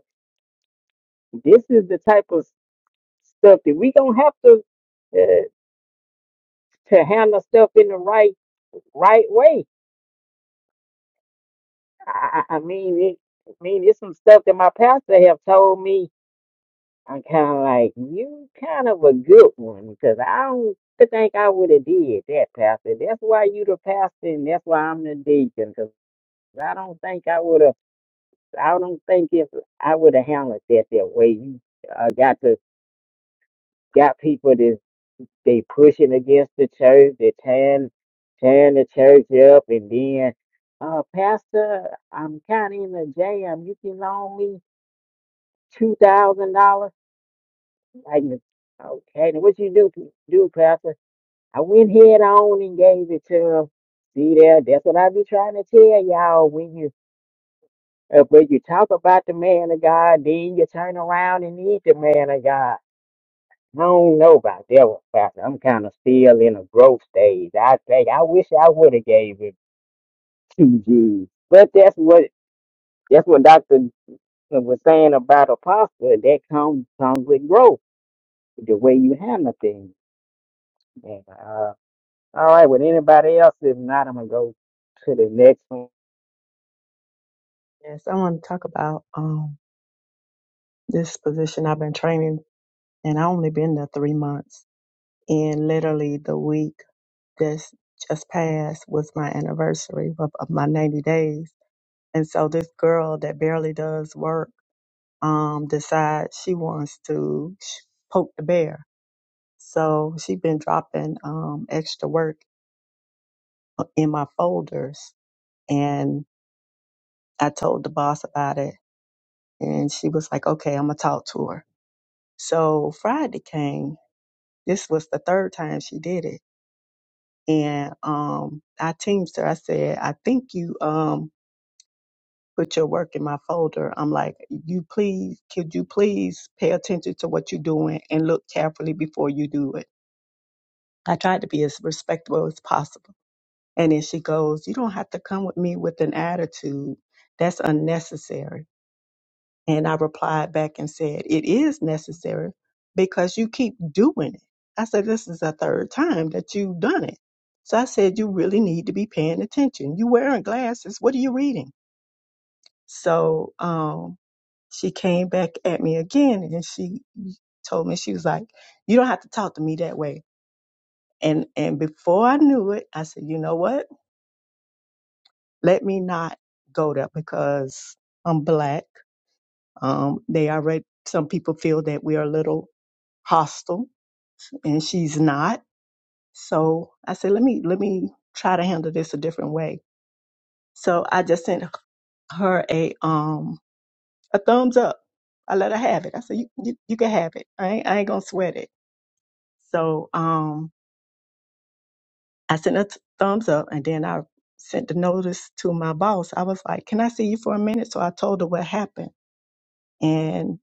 S3: This is the type of stuff that we don't have to uh, to handle stuff in the right right way. I, I I mean, it, I mean, it's some stuff that my pastor have told me. I'm kind of like you, kind of a good one, because I don't think I would have did that, pastor. That's why you the pastor, and that's why I'm the deacon, because I don't think I would have. I don't think if I would have handled that that way. You uh, got to got people this. they pushing against the church, they tearing tearing the church up, and then, uh, Pastor, I'm kind of in a jam. You can loan me two thousand dollars. Like, okay, now what you do do, Pastor? I went head on and gave it to him. See there, that's what I be trying to tell y'all when you uh, when you talk about the man of God, then you turn around and eat the man of God. I don't know about that one, Pastor. I'm kind of still in a growth stage. I think I wish I would have gave it two G's, but that's what that's what Doctor was saying about apostle. That comes comes with growth, the way you handle things. And, uh, all right, with anybody else, if not, I'm gonna go to the next one.
S1: Yes, I want to talk about um, this position I've been training, and I only been there three months. And literally, the week that's just passed was my anniversary of, of my 90 days. And so, this girl that barely does work um, decides she wants to sh- poke the bear. So she been dropping um, extra work uh, in my folders, and I told the boss about it, and she was like, "Okay, I'm gonna talk to her." So Friday came. This was the third time she did it. And um I teamed her. I said, I think you um put your work in my folder. I'm like, you please, could you please pay attention to what you're doing and look carefully before you do it? I tried to be as respectful as possible. And then she goes, You don't have to come with me with an attitude. That's unnecessary. And I replied back and said, It is necessary because you keep doing it. I said, This is the third time that you've done it. So I said, You really need to be paying attention. you wearing glasses. What are you reading? So um, she came back at me again and she told me, She was like, You don't have to talk to me that way. And, and before I knew it, I said, You know what? Let me not go there because I'm black. Um, they already, some people feel that we are a little hostile and she's not. So I said, let me let me try to handle this a different way. So I just sent her a um a thumbs up. I let her have it. I said, you you, you can have it. I ain't, I ain't gonna sweat it. So um I sent a th- thumbs up, and then I sent the notice to my boss. I was like, can I see you for a minute? So I told her what happened, and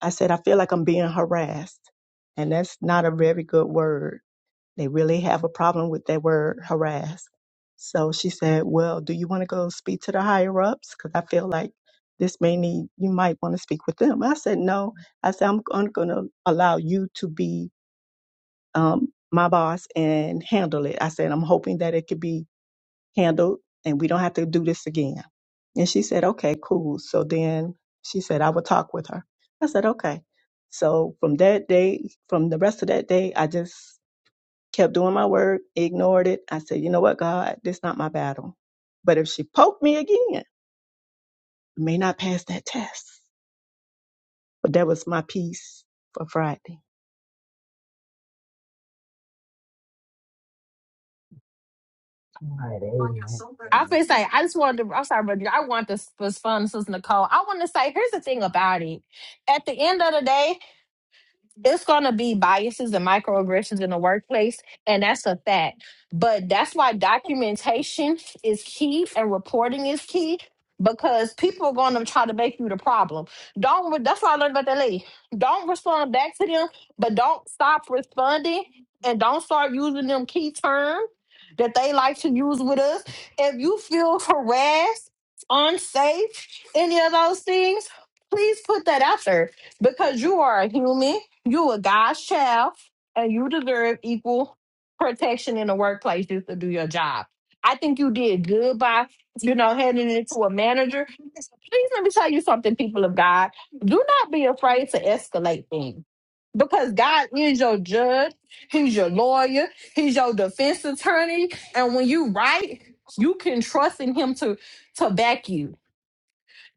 S1: I said, I feel like I'm being harassed, and that's not a very good word They really have a problem with that word harass. So she said, Well, do you want to go speak to the higher ups? Because I feel like this may need, you might want to speak with them. I said, No. I said, I'm, I'm going to allow you to be um, my boss and handle it. I said, I'm hoping that it could be handled and we don't have to do this again. And she said, Okay, cool. So then she said, I will talk with her. I said, Okay. So from that day, from the rest of that day, I just kept doing my work, ignored it. I said, you know what, God, this not my battle. But if she poked me again, I may not pass that test. But that was my piece for Friday.
S3: All right, amen.
S6: I
S3: amen.
S6: feel say I just wanted to I'm sorry, but I want this was fun, Sister Nicole. I want to say here's the thing about it. At the end of the day, it's going to be biases and microaggressions in the workplace and that's a fact but that's why documentation is key and reporting is key because people are going to try to make you the problem don't re- that's what i learned about that lady don't respond back to them but don't stop responding and don't start using them key terms that they like to use with us if you feel harassed unsafe any of those things please put that out there because you are a human, you a God's child, and you deserve equal protection in the workplace just to do your job. I think you did good by, you know, handing it to a manager. Please let me tell you something, people of God. Do not be afraid to escalate things. Because God is your judge, He's your lawyer, He's your defense attorney. And when you right, you can trust in Him to to back you.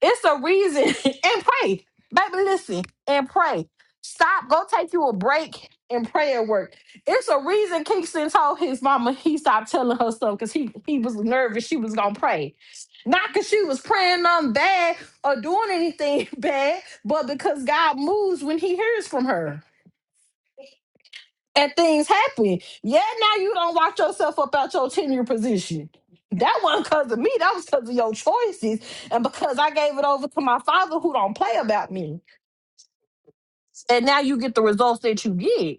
S6: It's a reason. [laughs] and pray. Baby, listen and pray. Stop. Go take you a break and pray at work. It's a reason Kingston told his mama he stopped telling her stuff because he, he was nervous she was going to pray. Not because she was praying nothing bad or doing anything [laughs] bad, but because God moves when he hears from her and things happen. Yeah, now you don't watch yourself up out your tenure position. That wasn't because of me. That was because of your choices, and because I gave it over to my father, who don't play about me. And now you get the results that you get.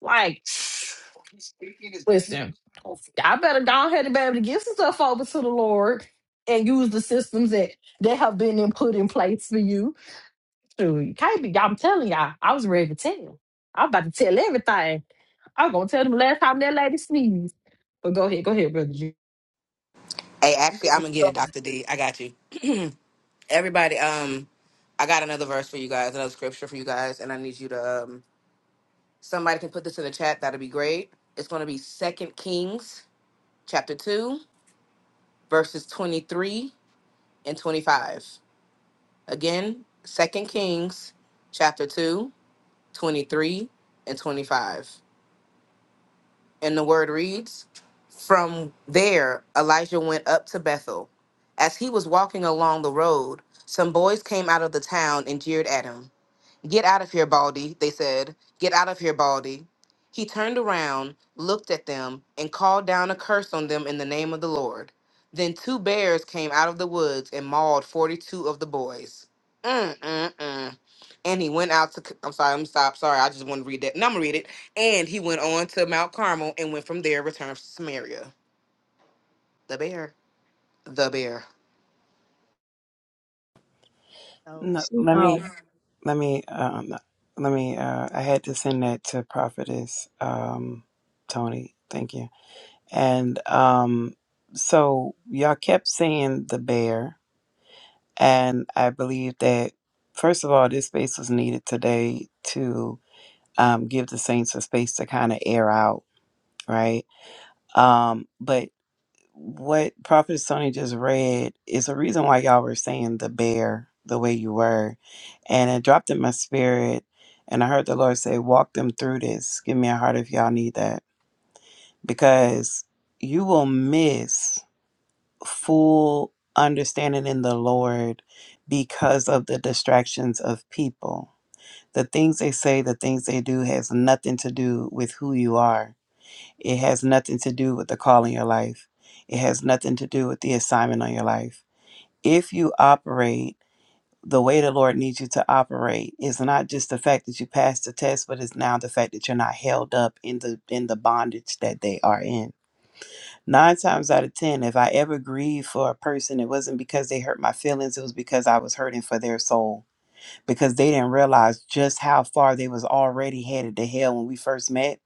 S6: Like, listen, I better go ahead and be able to give some stuff over to the Lord and use the systems that that have been in, put in place for you Shoot, you can't be. I'm telling y'all, I was ready to tell. I'm about to tell everything. I'm gonna tell them last time that lady sneezed. But go ahead, go ahead, brother. G.
S2: Hey, actually, I'm gonna get it, Doctor D. I got you. everybody um i got another verse for you guys another scripture for you guys and i need you to um somebody can put this in the chat that'd be great it's going to be second kings chapter 2 verses 23 and 25 again second kings chapter 2, 23 and 25 and the word reads from there elijah went up to bethel as he was walking along the road some boys came out of the town and jeered at him Get out of here, Baldy, they said. Get out of here, Baldy. He turned around, looked at them, and called down a curse on them in the name of the Lord. Then two bears came out of the woods and mauled 42 of the boys. Mm, mm, mm. And he went out to, I'm sorry, I'm stop. Sorry, I just want to read that. No, I'm going to read it. And he went on to Mount Carmel and went from there, returned to Samaria. The bear. The bear.
S1: So
S7: No,
S1: she
S7: let
S1: um
S7: me, let me, um, let me. Uh, I had to send that to Prophetess um, Tony. Thank you. And um, so y'all kept saying the bear, and I believe that first of all, this space was needed today to um, give the saints a space to kind of air out, right? Um, but what Prophet Sony just read is the reason why y'all were saying the bear the way you were. And it dropped in my spirit. And I heard the Lord say, Walk them through this. Give me a heart if y'all need that. Because you will miss full understanding in the Lord because of the distractions of people. The things they say, the things they do has nothing to do with who you are it has nothing to do with the call in your life. It has nothing to do with the assignment on your life. If you operate the way the Lord needs you to operate, it's not just the fact that you passed the test, but it's now the fact that you're not held up in the in the bondage that they are in. Nine times out of ten, if I ever grieved for a person, it wasn't because they hurt my feelings, it was because I was hurting for their soul. Because they didn't realize just how far they was already headed to hell when we first met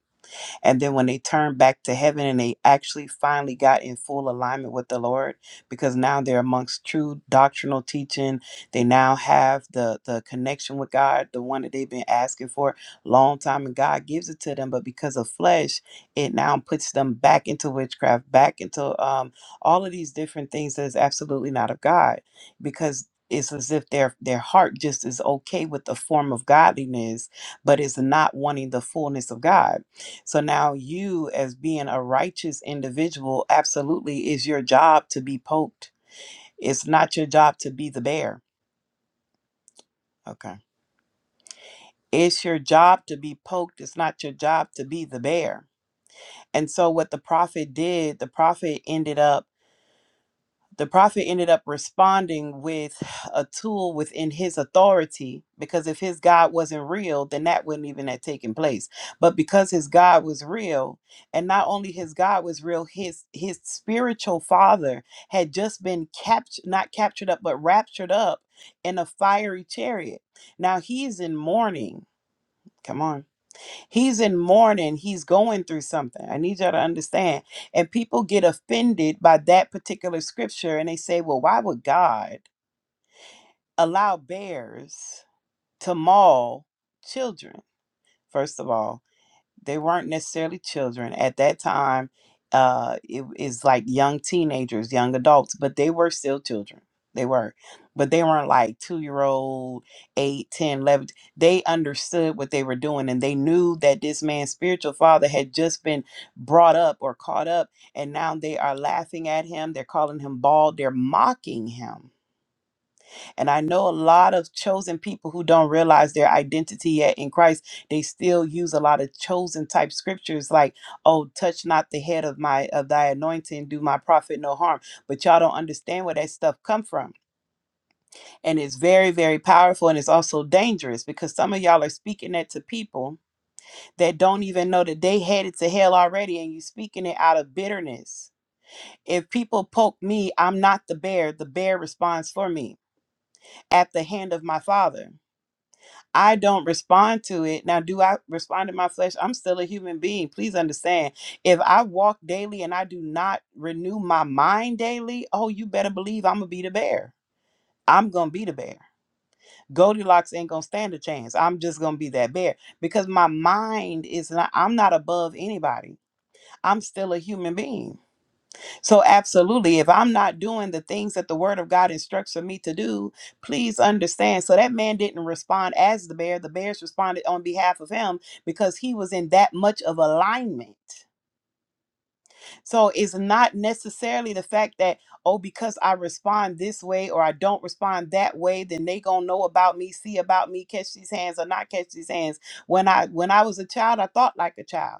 S7: and then when they turned back to heaven and they actually finally got in full alignment with the Lord, because now they're amongst true doctrinal teaching. They now have the, the connection with God, the one that they've been asking for a long time, and God gives it to them. But because of flesh, it now puts them back into witchcraft, back into um, all of these different things that is absolutely not of God, because it's as if their their heart just is okay with the form of godliness, but is not wanting the fullness of God so now you, as being a righteous individual, absolutely is your job to be poked. It's not your job to be the bear. Okay. It's your job to be poked. It's not your job to be the bear. And so what the prophet did, the prophet ended up the prophet ended up responding with a tool within his authority because if his God wasn't real, then that wouldn't even have taken place. But because his God was real, and not only his God was real, his his spiritual father had just been captured, not captured up, but raptured up in a fiery chariot. Now he's in mourning. Come on He's in mourning. He's going through something. I need y'all to understand. And people get offended by that particular scripture and they say, well, why would God allow bears to maul children? First of all, they weren't necessarily children at that time uh it is like young teenagers young adults but they were still children they were but they weren't like two year old eight ten eleven they understood what they were doing and they knew that this man's spiritual father had just been brought up or caught up and now they are laughing at him they're calling him bald they're mocking him and I know a lot of chosen people who don't realize their identity yet in Christ, they still use a lot of chosen type scriptures like, oh, touch not the head of my of thy anointing, do my prophet no harm. But y'all don't understand where that stuff come from. And it's very, very powerful and it's also dangerous because some of y'all are speaking that to people that don't even know that they headed to hell already and you speaking it out of bitterness. If people poke me, I'm not the bear. The bear responds for me at the hand of my father. I don't respond to it. Now, do I respond to my flesh? I'm still a human being. Please understand. If I walk daily and I do not renew my mind daily, oh, you better believe I'm going to be the bear. I'm going to be the bear. Goldilocks ain't going to stand a chance. I'm just going to be that bear because my mind is not, I'm not above anybody. I'm still a human being. So, absolutely, if I'm not doing the things that the word of God instructs for me to do, please understand. So, that man didn't respond as the bear, the bears responded on behalf of him because he was in that much of alignment. So, it's not necessarily the fact that, oh, because I respond this way or I don't respond that way, then they gonna know about me, see about me, catch these hands or not catch these hands. When I when I was a child, I thought like a child.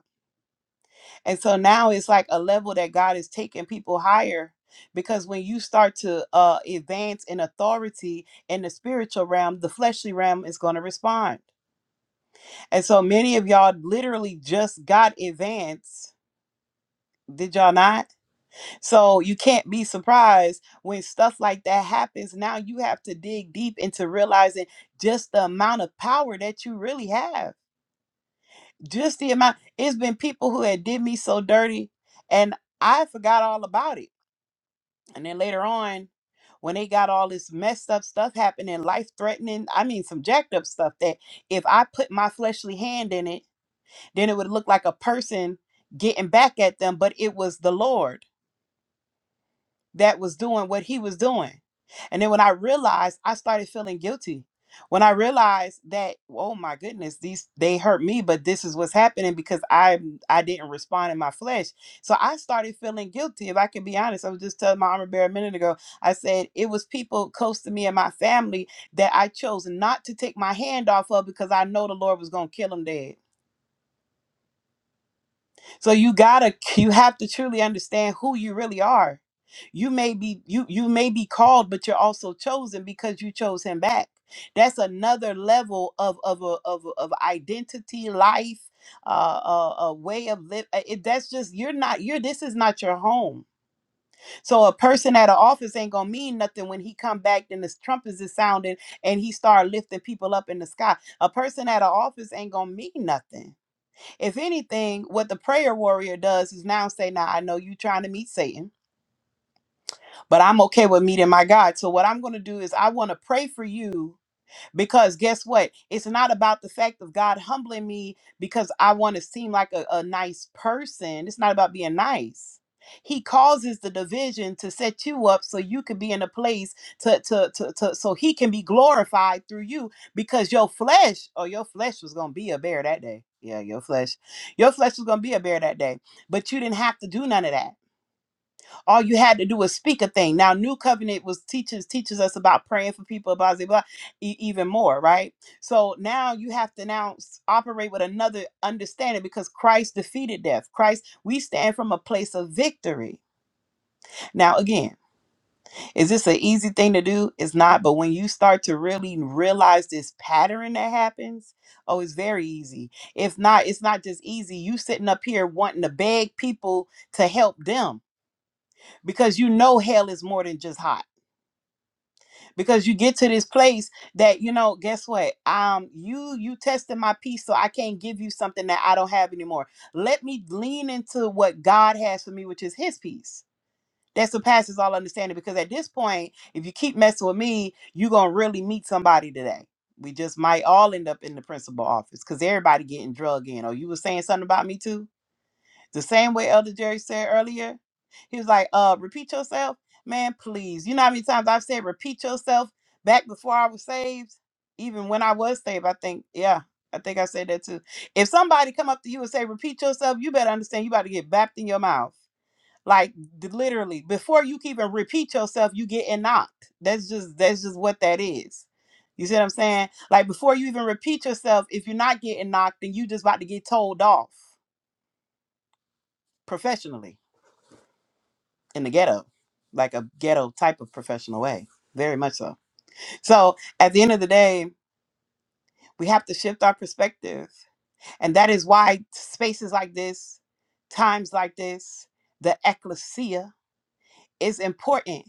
S7: And so now it's like a level that God is taking people higher because when you start to uh, advance in authority in the spiritual realm, the fleshly realm is going to respond. And so many of y'all literally just got advanced. Did y'all not? So you can't be surprised when stuff like that happens. Now you have to dig deep into realizing just the amount of power that you really have. Just the amount. It's been people who had did me so dirty and I forgot all about it And then later on, when they got all this messed up stuff happening, life threatening, I mean, some jacked up stuff that if I put my fleshly hand in it, then it would look like a person getting back at them, but it was the Lord that was doing what he was doing. And then when I realized, I started feeling guilty. When I realized that, oh my goodness, these they hurt me, but this is what's happening because I I didn't respond in my flesh. So I started feeling guilty. If I can be honest, I was just telling my armor bearer a minute ago. I said it was people close to me and my family that I chose not to take my hand off of because I know the Lord was gonna kill them dead. So you gotta you have to truly understand who you really are. You may be you you may be called, but you're also chosen because you chose him back. That's another level of of a, of a- of identity, life, uh, a, a way of live. It, that's just you're not you're. This is not your home. So a person at an office ain't gonna mean nothing when he come back and the trumpets is sounding and he start lifting people up in the sky. A person at an office ain't gonna mean nothing if anything, what the prayer warrior does is now say, Now I know you're trying to meet Satan, but I'm okay with meeting my God. So, what I'm going to do is I want to pray for you because guess what? It's not about the fact of God humbling me because I want to seem like a, a nice person. It's not about being nice. He causes the division to set you up so you can be in a place to, to, to, to so he can be glorified through you because your flesh, oh, your flesh was gonna be a bear that day. Yeah, your flesh. Your flesh was gonna be a bear that day. But you didn't have to do none of that all you had to do was speak a thing. Now, New Covenant was teaches teaches us about praying for people, blah blah blah, e- even more, right? So now you have to now s- operate with another understanding because Christ defeated death. Christ, we stand from a place of victory. Now, again, is this an easy thing to do? It's not, but when you start to really realize this pattern that happens, oh, it's very easy. If not, it's not just easy. You sitting up here wanting to beg people to help them because you know hell is more than just hot. because you get to this place that you know guess what um you you tested my peace so i can't give you something that i don't have anymore let me lean into what god has for me which is his peace that surpasses all understanding because at this point if you keep messing with me you're gonna really meet somebody today we just might all end up in the principal office because everybody getting drug in oh you were saying something about me too the same way Elder Jerry said earlier, he was like, uh, repeat yourself. Man, please. You know how many times I've said repeat yourself back before I was saved? Even when I was saved, I think, yeah, I think I said that too. If somebody come up to you and say, repeat yourself, you better understand you about to get bapped in your mouth. Like d- literally, before you can even repeat yourself, you getting knocked. That's just that's just what that is. You see what I'm saying? Like before you even repeat yourself, if you're not getting knocked, then you just about to get told off professionally in the ghetto, like a ghetto type of professional way, very much so. So at the end of the day, we have to shift our perspective. And that is why spaces like this, times like this, the ecclesia is important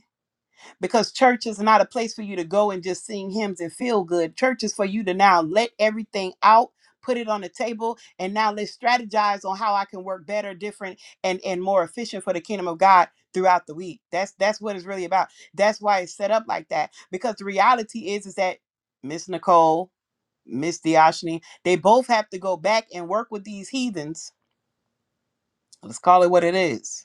S7: because church is not a place for you to go and just sing hymns and feel good. Church is for you to now let everything out, put it on the table, and now let's strategize on how I can work better, different, and and more efficient for the kingdom of God throughout the week. That's that's what it's really about. That's why it's set up like that because the reality is is that Miss Nicole, Miss Dioshne, they both have to go back and work with these heathens. Let's call it what it is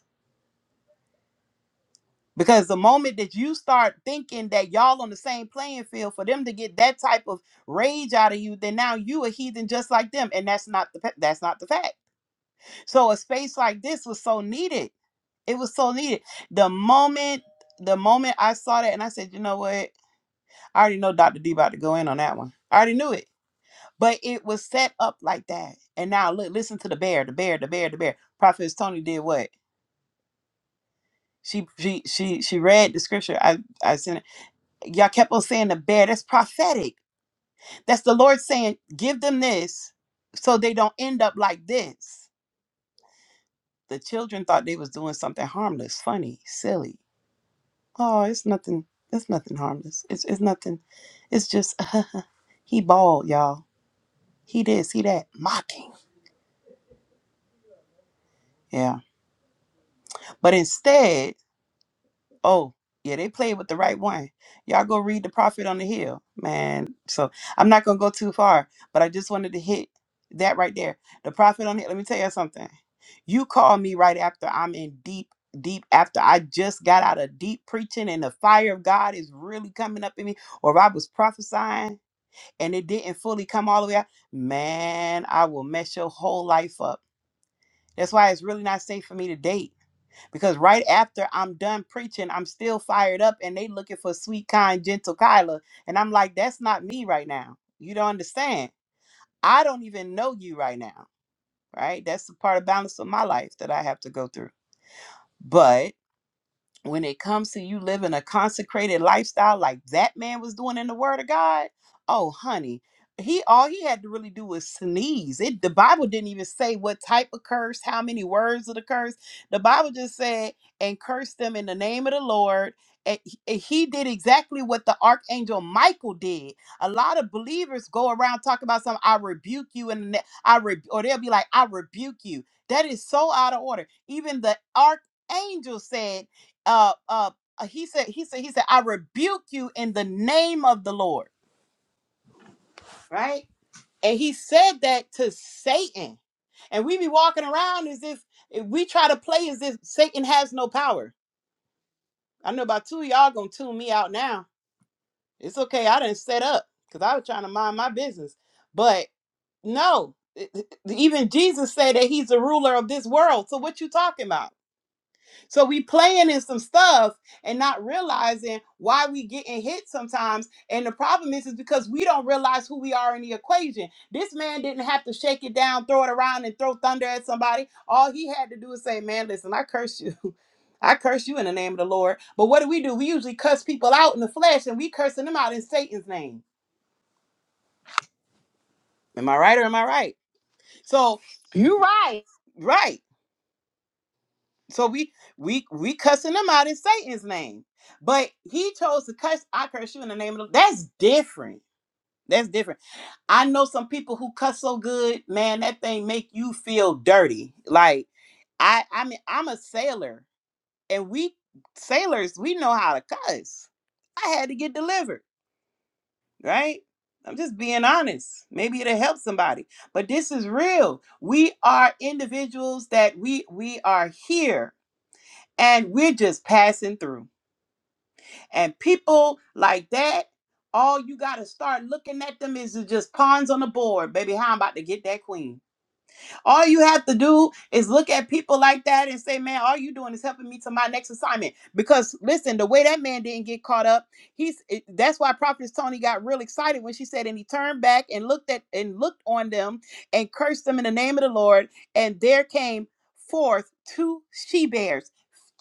S7: Because the moment that you start thinking that y'all on the same playing field for them to get that type of rage out of you, then now you a heathen just like them, and that's not the pa- that's not the fact. So a space like this was so needed. It was so needed. The moment the moment I saw that, and I said, you know what? I already know Dr. D about to go in on that one. I already knew it, but it was set up like that. And now look, listen to the bear, the bear, the bear, the bear. Prophetess Tony did what? She she she she read the scripture. I I sent it. y'all kept on saying the bear. That's prophetic. That's the Lord saying, give them this so they don't end up like this. The children thought they was doing something harmless, funny, silly. Oh, it's nothing. It's nothing harmless. It's it's nothing. It's just [sighs] he bald, y'all. He this, he that, mocking. Yeah. But instead, Oh, yeah, they played with the right one. Y'all go read the prophet on the hill, man. So I'm not gonna go too far, but I just wanted to hit that right there. The prophet on the hill. Let me tell you something. You call me right after I'm in deep, deep after I just got out of deep preaching and the fire of God is really coming up in me, or if I was prophesying and it didn't fully come all the way out. Man, I will mess your whole life up. That's why it's really not safe for me to date because right after I'm done preaching, I'm still fired up and they looking for sweet, kind, gentle Kyla. And I'm like, that's not me right now. You don't understand. I don't even know you right now. Right? That's the part of balance of my life that I have to go through. but when it comes to you living a consecrated lifestyle like that man was doing in the word of god oh honey he all he had to really do was sneeze it the bible didn't even say what type of curse how many words of the curse the bible just said and curse them in the name of the lord and he and he did exactly what the archangel Michael did. A lot of believers go around talking about something. I rebuke you, and the- I re- or they'll be like, "I rebuke you." That is so out of order. Even the archangel said uh uh uh, he said he said he said i rebuke you in the name of the lord right and he said that to satan and we be walking around as if if we try to play as if satan has no power i know about two of y'all gonna tune me out now it's okay i didn't set up because i was trying to mind my business but no it- it- even jesus said that he's the ruler of this world so what you talking about So we playing in some stuff and not realizing why we getting hit sometimes. And the problem is, is because we don't realize who we are in the equation. This man didn't have to shake it down, throw it around, and throw thunder at somebody. All he had to do is say, "Man, listen, I curse you. [laughs] I curse you in the name of the Lord." But what do we do? We usually cuss people out in the flesh, and we cursing them out in Satan's name. Am I right or am I right? So
S6: You right.
S7: right. So we we we cussing them out in Satan's name. But he chose to cuss, I curse you in the name of the that's different. That's different. I know some people who cuss so good, man, that thing make you feel dirty. Like I I mean I'm a sailor and we sailors, we know how to cuss. I had to get delivered, right? I'm just being honest. Maybe it'll help somebody. But this is real. We are individuals that we we are here and we're just passing through And people like that, all you got to start looking at them is just pawns on the board. Baby, how I'm about to get that queen. All you have to do is look at people like that and say, man, all you doing is helping me to my next assignment. Because listen, the way that man didn't get caught up, he's it- that's why Prophetess Tony got real excited when she said, and he turned back and looked at and looked on them and cursed them in the name of the Lord. And there came forth two she bears,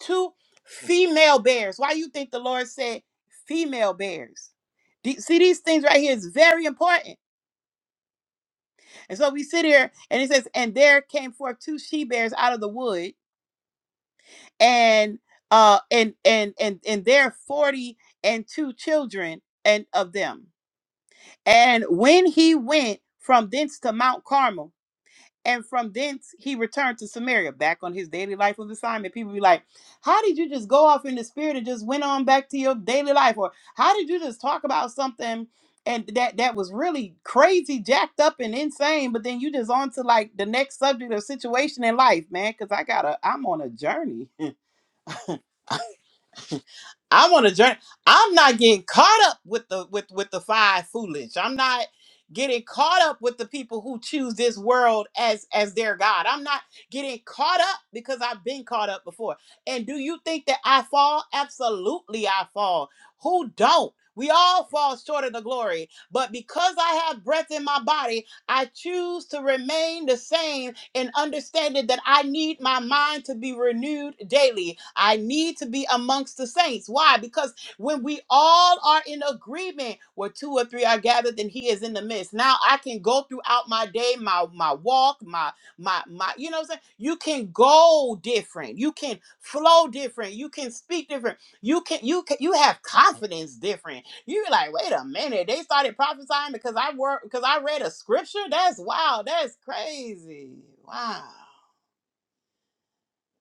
S7: two female bears. Why you think the Lord said female bears? The- See, these things right here is very important and so we sit here and it says, and there came forth two she bears out of the wood, and uh and and and and there forty and two children and of them. And when he went from thence to Mount Carmel, and from thence he returned to Samaria, back on his daily life of assignment. People be like, How did you just go off in the spirit and just went on back to your daily life? Or how did you just talk about something and that that was really crazy, jacked up and insane, but then you just on to like the next subject or situation in life, man? Cause I gotta I'm on a journey. I want to journey. I'm not getting caught up with the with with the five foolish. I'm not getting caught up with the people who choose this world as as their god. I'm not getting caught up because I've been caught up before. And do you think that I fall? Absolutely I fall. Who don't? We all fall short of the glory, but because I have breath in my body, I choose to remain the same and understanding that I need my mind to be renewed daily. I need to be amongst the saints. Why? Because when we all are in agreement where two or three are gathered, then he is in the midst. Now I can go throughout my day, my my walk, my my my you know what I'm saying? You can go different. You can flow different. You can speak different. You can you can you have confidence different you be like, wait a minute, they started prophesying because I work because I read a scripture. That's wow. That's crazy. Wow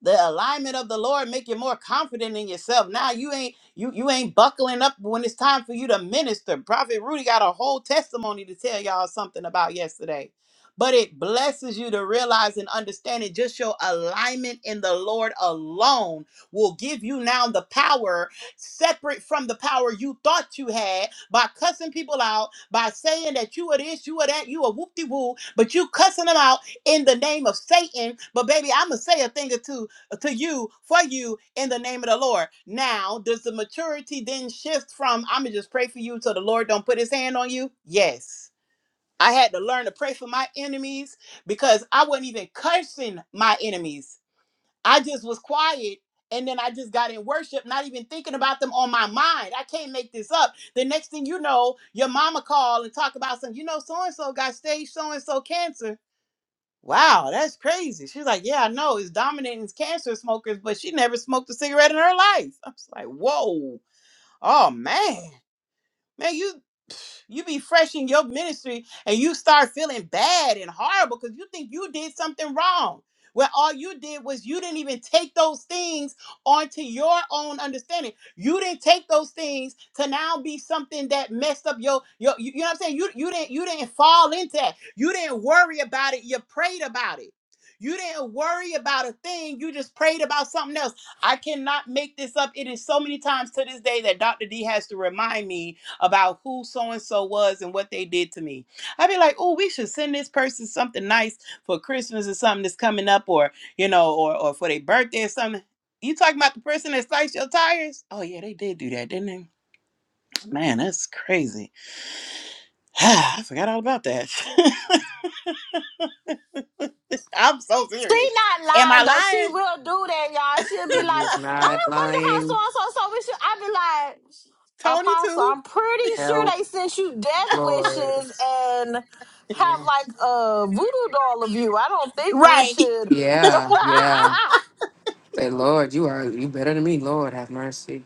S7: the alignment of the lord make you more confident in yourself now you ain't you you ain't buckling up when it's time for you to minister prophet rudy got a whole testimony to tell y'all something about yesterday but it blesses you to realize and understand it just your alignment in the lord alone will give you now the power separate from the power you thought you had by cussing people out by saying that you are this you are that you are whoop-de-woo but you cussing them out in the name of Satan. But baby, I'ma say a thing or two uh, to you for you in the name of the Lord. Now, does the maturity then shift from I'm gonna just pray for you so the Lord don't put his hand on you? Yes. I had to learn to pray for my enemies because I wasn't even cursing my enemies. I just was quiet and then I just got in worship, not even thinking about them on my mind. I can't make this up. The next thing you know, your mama call and talk about something. You know, so and so got stage so and so cancer Wow, that's crazy. She's like, Yeah, I know it's dominating cancer smokers, but she never smoked a cigarette in her life. I was like, Whoa, oh man. Man, you you be fresh in your ministry and you start feeling bad and horrible because you think you did something wrong. When all you did was you didn't even take those things onto your own understanding. You didn't take those things to now be something that messed up your your you, you know what I'm saying? You you didn't you didn't fall into that. You didn't worry about it. You prayed about it. You didn't worry about a thing. You just prayed about something else. I cannot make this up. It is so many times to this day that Dr. D has to remind me about who so and so was and what they did to me. I'd be like, oh, we should send this person something nice for Christmas or something that's coming up, or you know, or or for their birthday or something. You talking about the person that sliced your tires? Oh yeah, they did do that, didn't they? Man, that's crazy. [sighs] I forgot all about that. [laughs] I'm so
S6: She
S7: serious.
S6: not
S7: Am I
S6: lying though. She
S7: lying,
S6: will do that, y'all. She'll be
S2: He
S6: like,
S2: was
S6: "Oh,
S2: not
S6: I wonder how so
S2: lying.
S6: and so so we should." I be like,
S7: Tony?
S6: "Apostle,
S7: Too?
S6: I'm pretty sure
S2: Help,
S6: they sent you death
S2: Lord.
S6: wishes and have
S2: Yeah.
S6: like a voodoo doll of you. I don't think we
S7: Right. [laughs]
S6: should." [laughs]
S2: Yeah. Yeah. Say, Lord, you are you better than me. Lord, have mercy.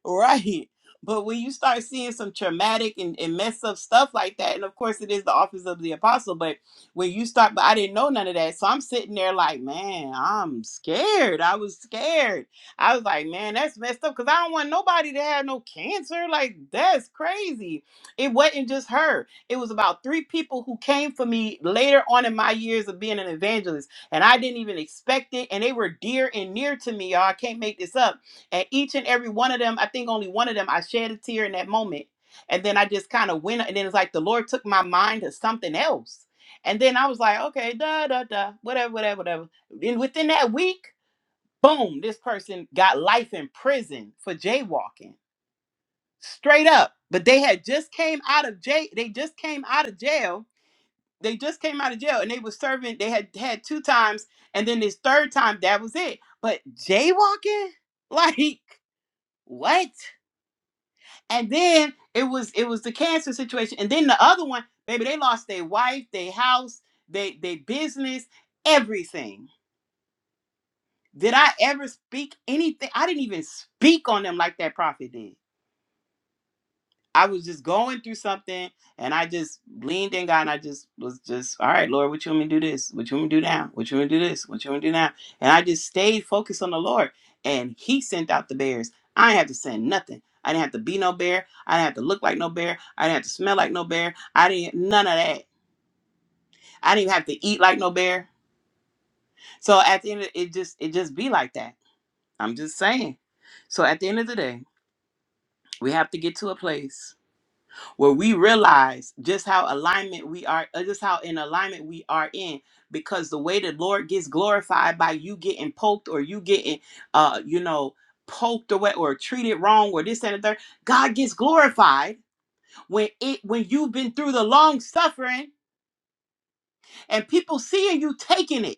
S7: [laughs] right. But when you start seeing some traumatic and, and mess up stuff like that, and of course it is the office of the apostle, but when you start, but I didn't know none of that. So I'm sitting there like, man, I'm scared. I was scared. I was like, man, that's messed up because I don't want nobody to have no cancer. Like, that's crazy. It wasn't just her, it was about three people who came for me later on in my years of being an evangelist, and I didn't even expect it. And they were dear and near to me, y'all. I can't make this up at each and every one of them i think only one of them i shed a tear in that moment and then i just kind of went and then it's like the lord took my mind to something else and then i was like okay da da da whatever whatever whatever and within that week boom this person got life in prison for jaywalking straight up but they had just came out of jail they just came out of jail they just came out of jail and they were serving they had had two times and then this third time that was it but jaywalking [laughs] like what and then it was it was the cancer situation and then the other one baby they lost their wife their house they their business everything did i ever speak anything i didn't even speak on them like that prophet did I was just going through something and I just leaned in God and I just was just, all right, Lord, what you want me to do this? What you want me to do now? What you want me to do this? What you want me to do now? And I just stayed focused on the Lord. And He sent out the bears. I didn't have to send nothing. I didn't have to be no bear. I didn't have to look like no bear. I didn't have to smell like no bear. I didn't none of that. I didn't even have to eat like no bear. So at the end of it just it just be like that. I'm just saying. So at the end of the day, we have to get to a place where we realize just how alignment we are, uh, just how in alignment we are in, because the way the Lord gets glorified by you getting poked or you getting, uh, you know, poked or what, or treated wrong or this and the third, God gets glorified when it when you've been through the long suffering and people seeing you taking it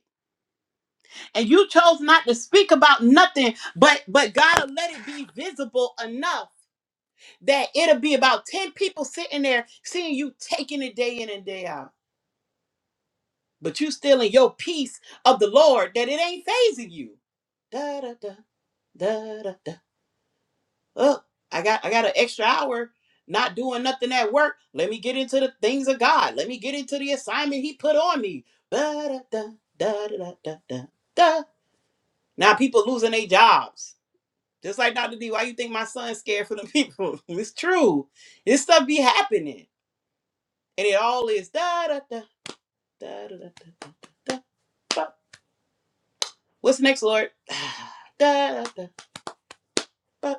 S7: and you chose not to speak about nothing, but but God will let it be visible enough that it'll be about ten people sitting there seeing you taking it day in and day out but you stealing your peace of the Lord that it ain't phasing you. Da da da da da da. Oh, I got I got an extra hour not doing nothing at work. Let me get into the things of God. Let me get into the assignment He put on me. da da da da da da da. da. Now people losing their jobs. Just like Dr. D, why you think my son's scared for the people? [laughs] It's true. This stuff be happening. And it all is da da da da da da da da. What's next, Lord? [sighs] Da, da, ba.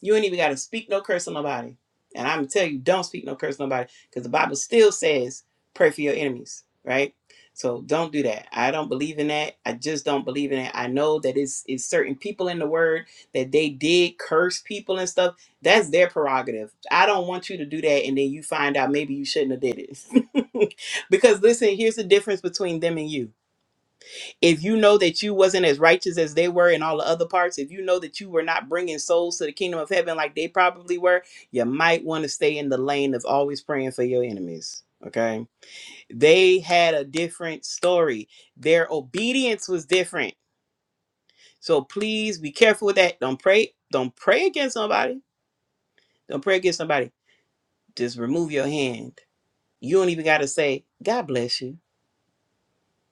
S7: You ain't even got to speak no curse on nobody. And I'm going to tell you, don't speak no curse on nobody because the Bible still says pray for your enemies, right? So don't do that. I don't believe in that. I just don't believe in it. I know that it's, it's certain people in the word that they did curse people and stuff. That's their prerogative. I don't want you to do that and then you find out maybe you shouldn't have did it. [laughs] because listen, here's the difference between them and you if you know that you wasn't as righteous as they were in all the other parts, if you know that you were not bringing souls to the kingdom of heaven like they probably were, you might want to stay in the lane of always praying for your enemies. Okay. They had a different story. Their obedience was different. So please be careful with that. Don't pray. Don't pray against somebody. Don't pray against somebody. Just remove your hand. You don't even got to say, God bless you.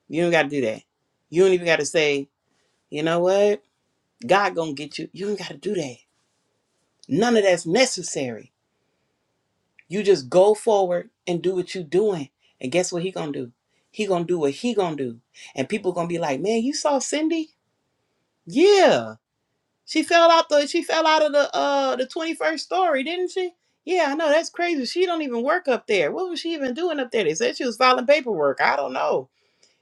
S7: You don't got to do that. You don't even got to say, you know what? God gonna get you. You don't got to do that. None of that's necessary. You just go forward and do what you are doing. And guess what he gonna do? He gonna do what he gonna do. And people gonna be like, man, you saw Cindy? Yeah. She fell out the she fell out of the uh the 21st story, didn't she? Yeah, I know that's crazy. She don't even work up there. What was she even doing up there? They said she was filing paperwork. I don't know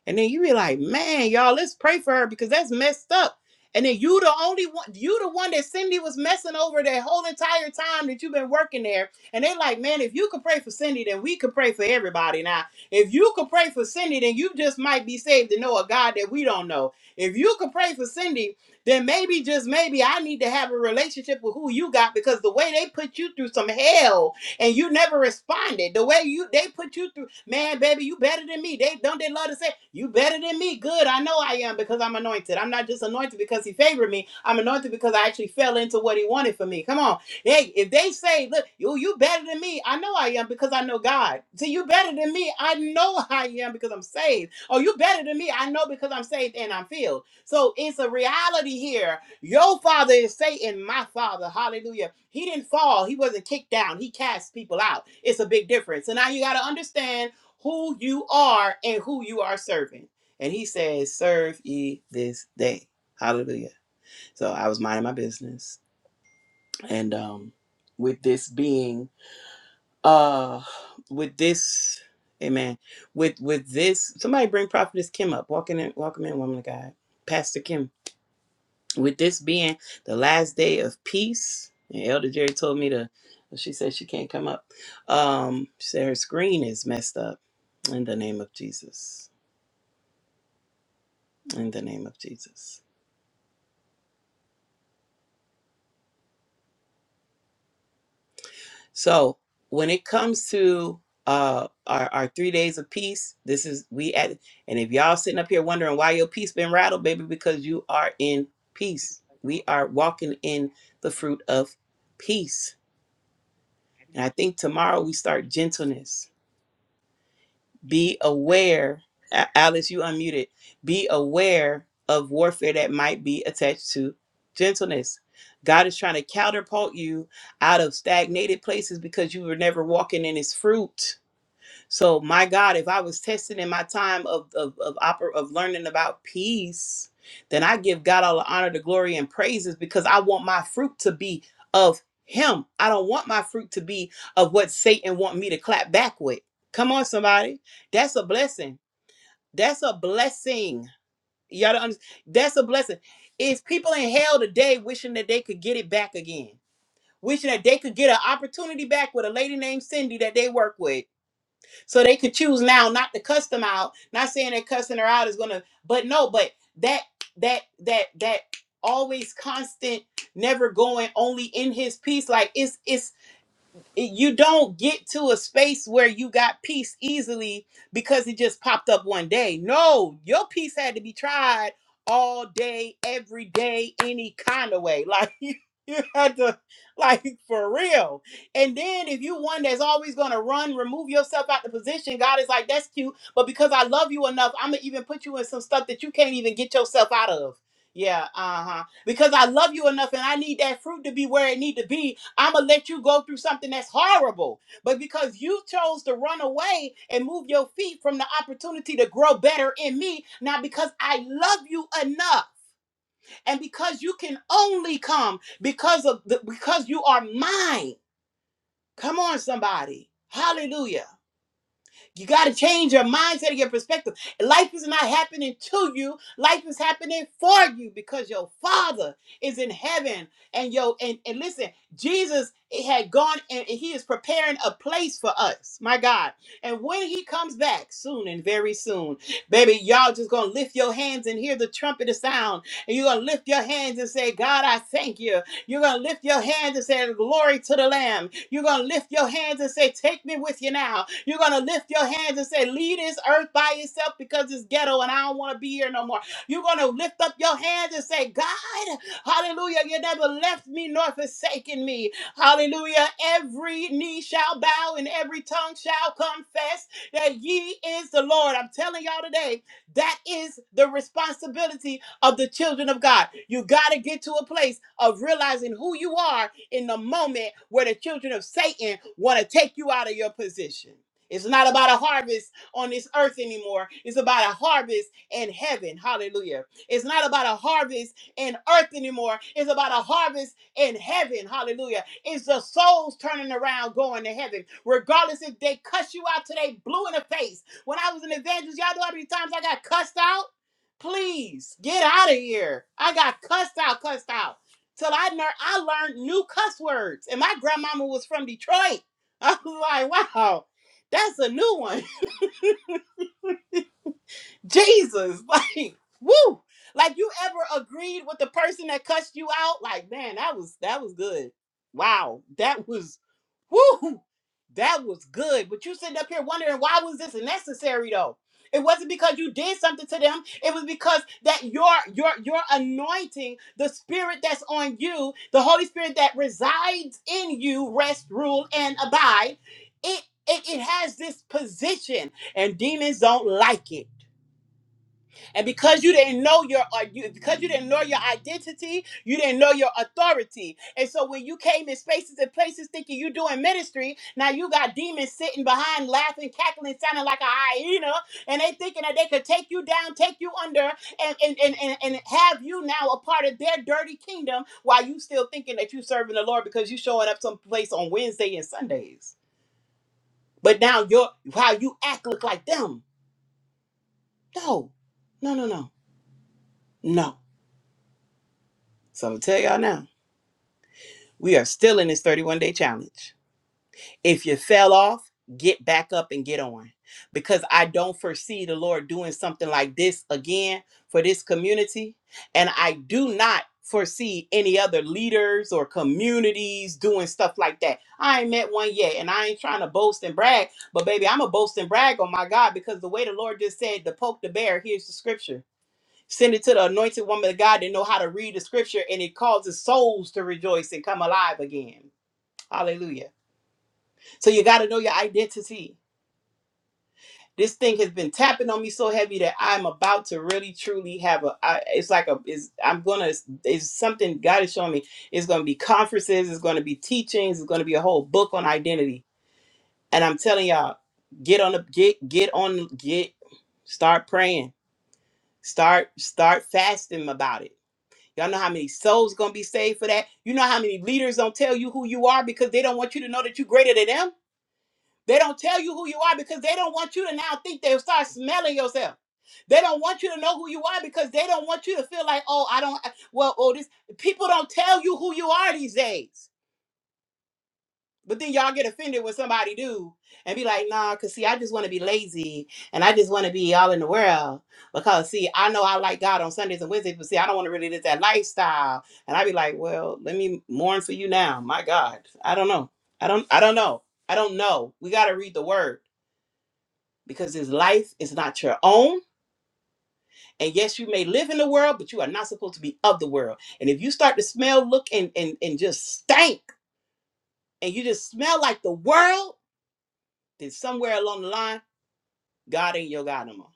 S7: and then you be like, man, y'all, let's pray for her because that's messed up. And then you the only one, you the one that Cindy was messing over that whole entire time that you've been working there. And they like, man, if you could pray for Cindy, then we could pray for everybody. Now, if you could pray for Cindy, then you just might be saved to know a God that we don't know. If you could pray for Cindy, then maybe just maybe I need to have a relationship with who you got because the way they put you through some hell and you never responded. The way you they put you through, man, baby, you better than me. They don't they love to say, you better than me. Good, I know I am because I'm anointed. I'm not just anointed because he favored me. I'm anointed because I actually fell into what he wanted for me. Come on. Hey, if they say, look, you you better than me, I know I am because I know God. See, you better than me, I know [laughs] I am because I'm saved. Oh, you better than me, I know because I'm saved and I'm filled. So it's a reality here your father is Satan, my father. Hallelujah. He didn't fall. He wasn't kicked down. He cast people out. It's a big difference. So now you got to understand who you are and who you are serving. And he says, Serve ye this day. Hallelujah. So I was minding my business. And um, with this being uh with this amen. With with this, somebody bring prophetess Kim up. Walking in, welcome in, woman of God. Pastor Kim with this being the last day of peace and elder jerry told me to she said she can't come up um she said her screen is messed up in the name of jesus in the name of jesus so when it comes to uh our, our three days of peace this is we at and if y'all sitting up here wondering why your peace been rattled baby because you are in peace we are walking in the fruit of peace and i think tomorrow we start gentleness be aware A- alice you unmuted be aware of warfare that might be attached to gentleness god is trying to counterpult you out of stagnated places because you were never walking in his fruit so my God, if I was tested in my time of of of, oper- of learning about peace, then I give God all the honor, the glory, and praises because I want my fruit to be of Him. I don't want my fruit to be of what Satan want me to clap back with. Come on, somebody, that's a blessing. That's a blessing. Y'all don't understand. That's a blessing. If people in hell today wishing that they could get it back again, wishing that they could get an opportunity back with a lady named Cindy that they work with so they could choose now not to cuss them out. Not saying that cussing her out is gonna, but no, but that that that that always constant, never going, only in his peace. Like it's it's it- you don't get to a space where you got peace easily because it just popped up one day. No, your peace had to be tried all day, every day, any kind of way. [laughs] Like you, you had to, like for real. And then if you one that's always gonna run, remove yourself out the position. God is like, that's cute, but because I love you enough, I'm gonna even put you in some stuff that you can't even get yourself out of. Yeah, uh huh. Because I love you enough, and I need that fruit to be where it need to be I'm gonna let you go through something that's horrible. But because you chose to run away and move your feet from the opportunity to grow better in me, now because I love you enough and because you can only come because of the, because you are mine. Come on somebody. Hallelujah. You got to change your mindset and your perspective. Life is not happening to you. Life is happening for you because your Father is in heaven. And yo, and, and listen, Jesus had gone and and he is preparing a place for us. My God. And when he comes back soon and very soon, baby, y'all just gonna lift your hands and hear the trumpet sound. And you're gonna lift your hands and say, God, I thank you. You're gonna lift your hands and say, Glory to the Lamb. You're going to lift your hands and say, Take me with you now. You're going to lift your hands and say, Leave this earth by yourself because it's ghetto and I don't want to be here no more. You're going to lift up your hands and say, God, hallelujah, you never left me nor forsaken me. Hallelujah. Every knee shall bow and every tongue shall confess that ye is the Lord. I'm telling y'all today, that is the responsibility of the children of God. You got to get to a place of realizing who you are in the moment where the children of Satan want to take you out of your position. It's not about a harvest on this earth anymore. It's about a harvest in heaven. Hallelujah. It's not about a harvest in earth anymore. It's about a harvest in heaven. Hallelujah. It's the souls turning around going to heaven. Regardless if they cuss you out today, blue in the face. When I was an evangelist, y'all know how many times I got cussed out? Please get out of here. I got cussed out, cussed out till I learned I learned new cuss words. And my grandmama was from Detroit. [laughs] I was like, wow, that's a new one. Jesus, [laughs] like, woo. Like you ever agreed with the person that cussed you out? Like, man, that was that was good. Wow, that was woo. That was good. But you sitting up here wondering why was this necessary though? It wasn't because you did something to them. It was because that your your your anointing, the spirit that's on you, the Holy Spirit that resides in you, rest, rule, and abide. It it, it has this position, and demons don't like it and because you didn't know your uh, you, because you didn't know your identity, you didn't know your authority. And so when you came in spaces and places thinking you doing ministry, now you got demons sitting behind laughing, cackling, sounding like a hyena, and they thinking that they could take you down, take you under, and and, and, and, and have you now a part of their dirty kingdom while you still thinking that you serving the Lord because you showing up someplace on Wednesday and Sundays. But now your how you act look like them. No, no, no, no, no. So I'm gonna tell y'all now, we are still in this 31 day challenge. If you fell off, get back up and get on. Because I don't foresee the Lord doing something like this again for this community. And I do not foresee any other leaders or communities doing stuff like that. I ain't met one yet. And I ain't trying to boast and brag, but baby, I'm a boast and brag on my God because the way the Lord just said to poke the bear, here's the scripture. Send it to the anointed woman of God to know how to read the scripture, and it causes souls to rejoice and come alive again. Hallelujah. So you got to know your identity. This thing has been tapping on me so heavy that I'm about to really truly have a. I, it's like a. Is I'm gonna. It's something God is showing me. It's gonna be conferences. It's gonna be teachings. It's gonna be a whole book on identity. And I'm telling y'all, get on the get get on get. Start praying. Start start fasting about it Y'all know how many souls gonna be saved for that? You know how many leaders don't tell you who you are because they don't want you to know that you're greater than them? They don't tell you who you are because they don't want you to now think they'll start smelling yourself. They don't want you to know who you are because they don't want you to feel like, oh, I don't uh, well, oh, this people don't tell you who you are these days. But then y'all get offended when somebody do and be like, nah, cause see, I just want to be lazy and I just want to be all in the world. Because see, I know I like God on Sundays and Wednesdays, but see, I don't want to really live that lifestyle. And I be like, well, let me mourn for you now. My God. I don't know. I don't I don't know. I don't know. We gotta read the word because this life is not your own. And yes, you may live in the world, but you are not supposed to be of the world. And if you start to smell, look, and and, and just stink, and you just smell like the world, then somewhere along the line God ain't your God no more,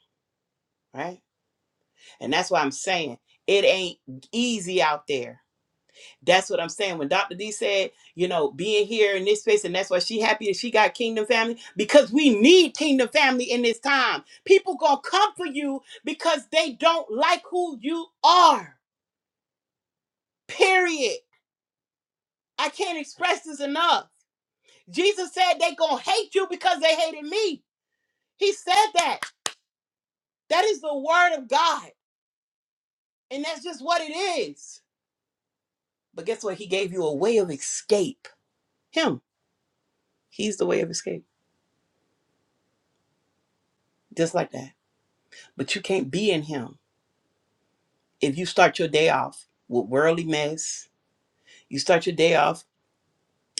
S7: right? And that's why I'm saying it ain't easy out there. That's what I'm saying. When Dr. D said, you know, being here in this space, and that's why she happy that she got Kingdom Family because we need Kingdom Family in this time. People gonna come for you because they don't like who you are. Period. I can't express this enough. Jesus said they gonna hate you because they hated me. He said that. That is the word of God, and that's just what it is. But guess what? He gave you a way of escape. Him. He's the way of escape. Just like that. But you can't be in him. If you start your day off with worldly mess, you start your day off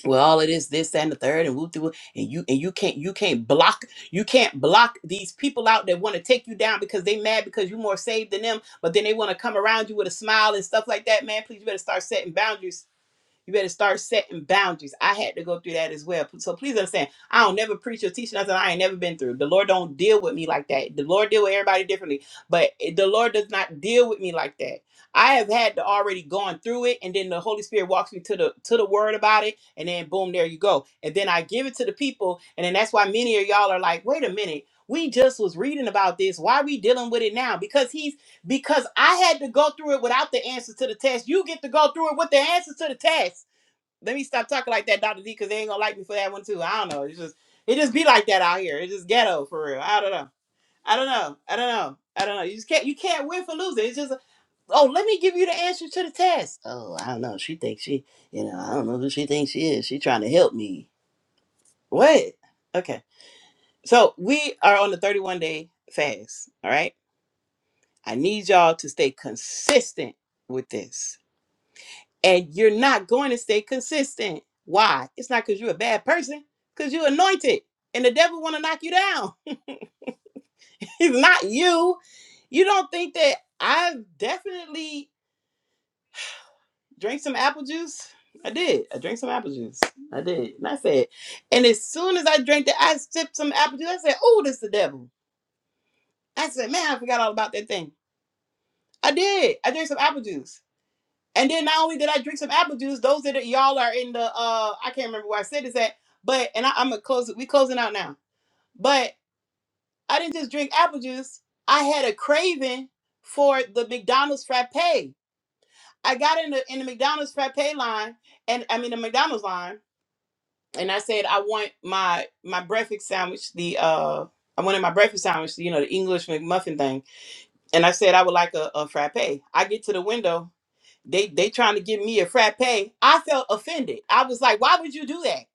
S7: with all of this, this, and the third, and whoop de whoop, and you and you can't you can't block you can't block these people out that want to take you down because they mad because you're more saved than them, but then they want to come around you with a smile and stuff like that. Man, please you better start setting boundaries You better start setting boundaries. I had to go through that as well. So please understand, I don't never preach or teach nothing I ain't never been through. The Lord don't deal with me like that. The Lord deal with everybody differently, but the Lord does not deal with me like that. I have had to already gone through it, and then the Holy Spirit walks me to the to the Word about it, and then boom, there you go. And then I give it to the people, and then that's why many of y'all are like, wait a minute, we just was reading about this. Why we dealing with it now? Because He's because I had to go through it without the answers to the test. You get to go through it with the answers to the test. Let me stop talking like that, Dr. D, because they ain't gonna like me for that one too. I don't know. It's just it just be like that out here. It's just ghetto for real. I don't know. I don't know. I don't know. I don't know. You just can't you can't win for losing. It's just oh, let me give you the answer to the test. Oh, I don't know. She thinks she, you know, I don't know who she thinks she is. She trying to help me. What? Okay. So we are on the 31 day fast. All right. I need y'all to stay consistent with this. and you're not going to stay consistent. Why? It's not because you're a bad person, because you're anointed, and the devil want to knock you down. [laughs] it's not you. You don't think that I definitely drank some apple juice. I did. I drank some apple juice. I did. And I said, and as soon as I drank that, I sipped some apple juice. I said, oh, this the devil. I said, man, I forgot all about that thing. I did. I drank some apple juice. And then not only did I drink some apple juice, those that are, y'all are in the uh I can't remember where I said this at, but and I, I'm gonna close it. We closing out now. But I didn't just drink apple juice. I had a craving for the McDonald's frappe. I got in the in the McDonald's frappe line, and I mean the McDonald's line, and I said I want my my breakfast sandwich. The uh I wanted my breakfast sandwich, you know, the English McMuffin thing. And I said I would like a, a frappe. I get to the window they they trying to give me a frappe. I felt offended. I was like, why would you do that?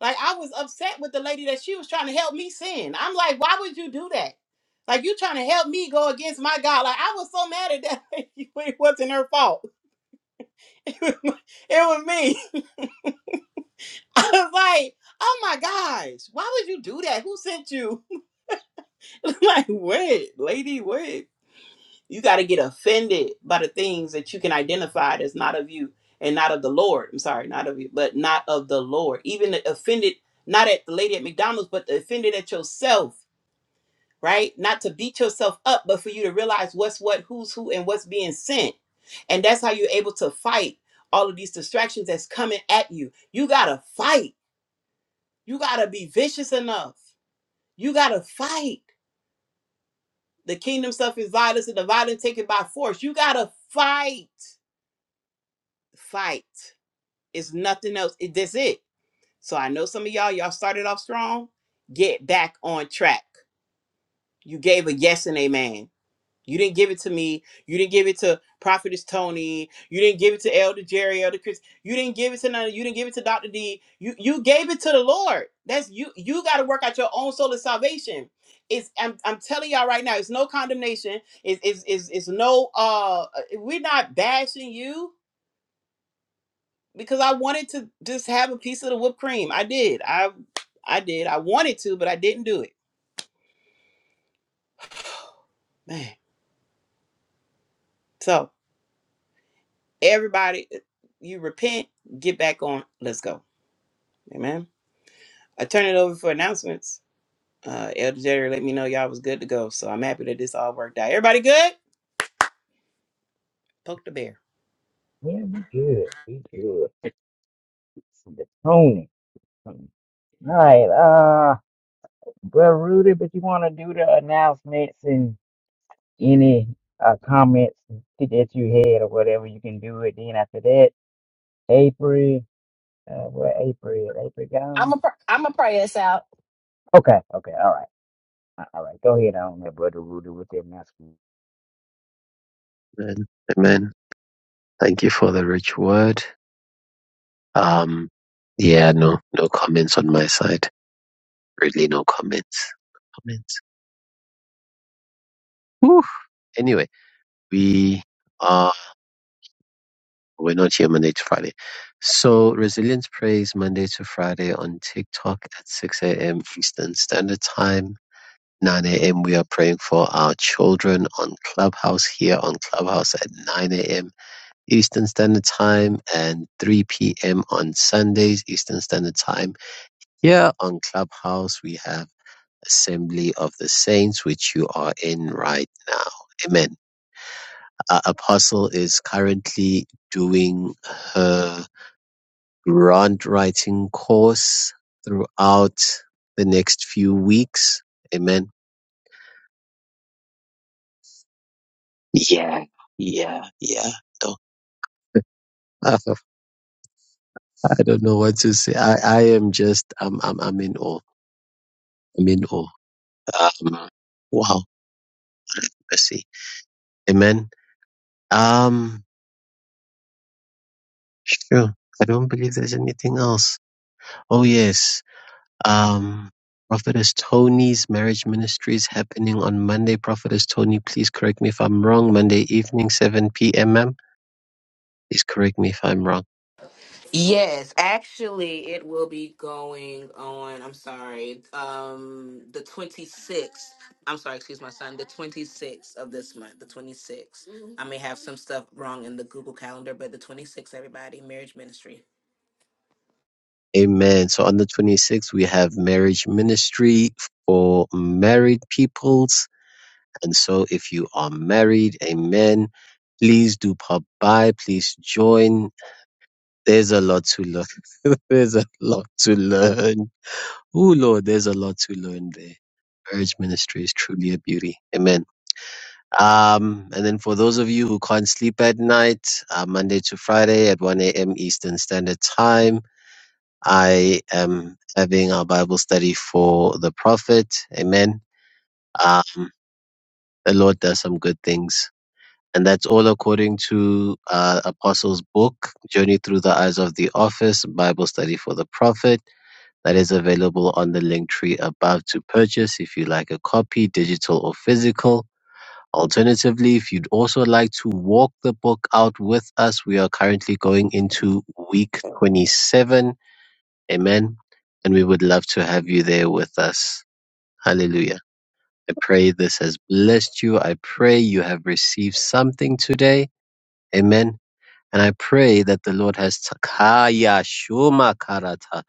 S7: Like I was upset with the lady that she was trying to help me sin. I'm like, why would you do that? Like you trying to help me go against my God. Like I was so mad at that. lady, [laughs] it wasn't her fault. [laughs] it was me. [laughs] I was like, oh my gosh, why would you do that? Who sent you? [laughs] like, wait, lady, What? You got to get offended by the things that you can identify as not of you and not of the Lord. I'm sorry, not of you, but not of the Lord. Even the offended, not at the lady at McDonald's, but the offended at yourself, right? Not to beat yourself up, but for you to realize what's what, who's who, and what's being sent. And that's how you're able to fight all of these distractions that's coming at you. You got to fight. You got to be vicious enough. You got to fight. The kingdom suffers violence and the violent take it by force. You got to fight fight. It's nothing else. It, that's it. So I know some of y'all, y'all started off strong. Get back on track. You gave a yes and amen. You didn't give it to me. You didn't give it to Prophetess Tony. You didn't give it to Elder Jerry, Elder Chris. You didn't give it to none. You didn't give it to Dr. D. You you gave it to the Lord. That's you. You got to work out your own soul of salvation. It's I'm, I'm telling y'all right now. It's no condemnation. It's it's it's, it's no uh. uh, We're not bashing you because I wanted to just have a piece of the whipped cream. I did. I I did. I wanted to, but I didn't do it. [sighs] Man. So everybody uh, you repent, get back on. Let's go. Amen. I turn it over for announcements. Uh Elder Jerry let me know y'all was good to go. So I'm happy that this all worked out. Everybody good? Poke the bear.
S3: Yeah, we good. We good. [laughs] The pruning. All right, uh, Brother Rudy, but you want to do the announcements and any uh, comments that you had or whatever, you can do it. Then after that, April, uh, where April, April
S6: I'm
S3: gone?
S6: a I'm a pray us out.
S3: Okay, okay, all right, Uh, all right. Go ahead on that, brother Rudy, with that mask.
S5: Amen. Amen. Thank you for the rich word. Um, yeah, no, no comments on my side. Really, no comments. No Comments. Whew. Anyway, we are we're not here Monday to Friday. So resilience praise Monday to Friday on TikTok at 6 a.m. Eastern Standard Time. 9 a.m. We are praying for our children on Clubhouse here on Clubhouse at 9 a.m. Eastern Standard Time and 3 p.m. on Sundays Eastern Standard Time. Here on Clubhouse, we have assembly of the saints which you are in right now. Amen. Our apostle is currently doing her grant writing course throughout the next few weeks. Amen. Yeah, yeah, yeah. No, [laughs] I don't know what to say. I, I am just, I'm, I'm, I'm in awe. I'm in awe. Um, wow. Mercy. Amen. Um, sure. I don't believe there's anything else. Oh, yes. Um, Prophetess Tony's marriage ministry is happening on Monday. Prophetess Tony, please correct me if I'm wrong. Monday evening, 7 p.m. ma'am. Please correct me if I'm wrong.
S2: Yes, actually, it will be going on. I'm sorry, um, the 26th. I'm sorry, excuse my son. The 26th of this month, the 26th. I may have some stuff wrong in the Google Calendar, but the 26th, everybody, marriage ministry.
S5: Amen. So on the 26th, we have marriage ministry for married peoples. And so if you are married, amen, please do pop by. Please join. There's a lot to learn. [laughs] There's a lot to learn. Ooh, Lord, there's a lot to learn there. Marriage ministry is truly a beauty. Amen. Um, and then for those of you who can't sleep at night, uh, Monday to Friday at 1 a.m. Eastern Standard Time, I am having our Bible study for the prophet. Amen. Um, the Lord does some good things. And that's all according to uh, Apostles' book, Journey Through the Eyes of the Office, Bible Study for the Prophet. that is available on the link tree above to purchase if you like a copy, digital or physical. Alternatively, if you'd also like to walk the book out with us, we are currently going into week 27. Amen. And we would love to have you there with us. Hallelujah. I pray this has blessed you. I pray you have received something today. Amen. And I pray that the Lord has, t- Kaya Shuma Karata,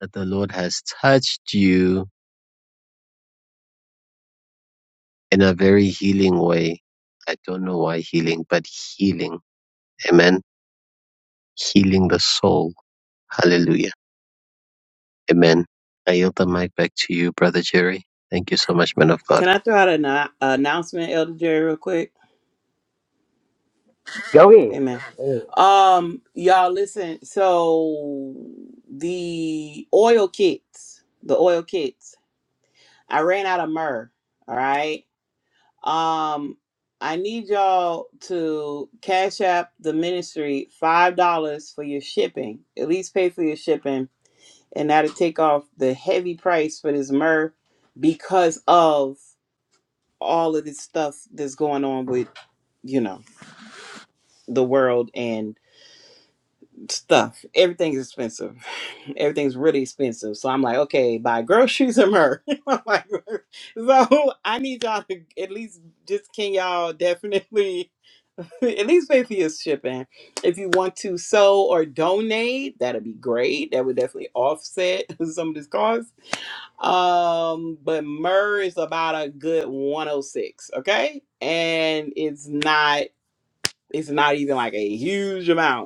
S5: that the Lord has touched you in a very healing way. I don't know why healing, but healing. Amen. Healing the soul. Hallelujah. Amen. I yield the mic back to you, Brother Jerry. Thank you so much, man of God.
S7: Can I throw out an uh, announcement, Elder Jerry, real quick?
S3: Go ahead.
S7: Amen.
S3: Go ahead.
S7: Um, y'all listen. So the oil kits, the oil kits. I ran out of myrrh. All right. Um, I need y'all to cash app the ministry five dollars for your shipping. At least pay for your shipping, and that'll take off the heavy price for this myrrh because of all of this stuff that's going on with you know the world and. stuff. Everything's expensive. [laughs] Everything's really expensive. So I'm like, okay, buy groceries from her. [laughs] I'm like, so I need y'all to at least just can y'all definitely [laughs] at least pay for your shipping. If you want to sew or donate, that'd be great. That would definitely offset [laughs] some of this cost. Um, but myrrh is about a good 106, okay? And it's not it's not even like a huge amount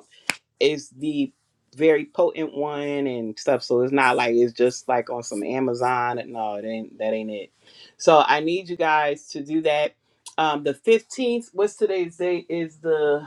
S7: it's the very potent one and stuff. So it's not like it's just like on some Amazon. No, it ain't that ain't it. So I need you guys to do that. Um, the fifteenth. What's today's date? Is the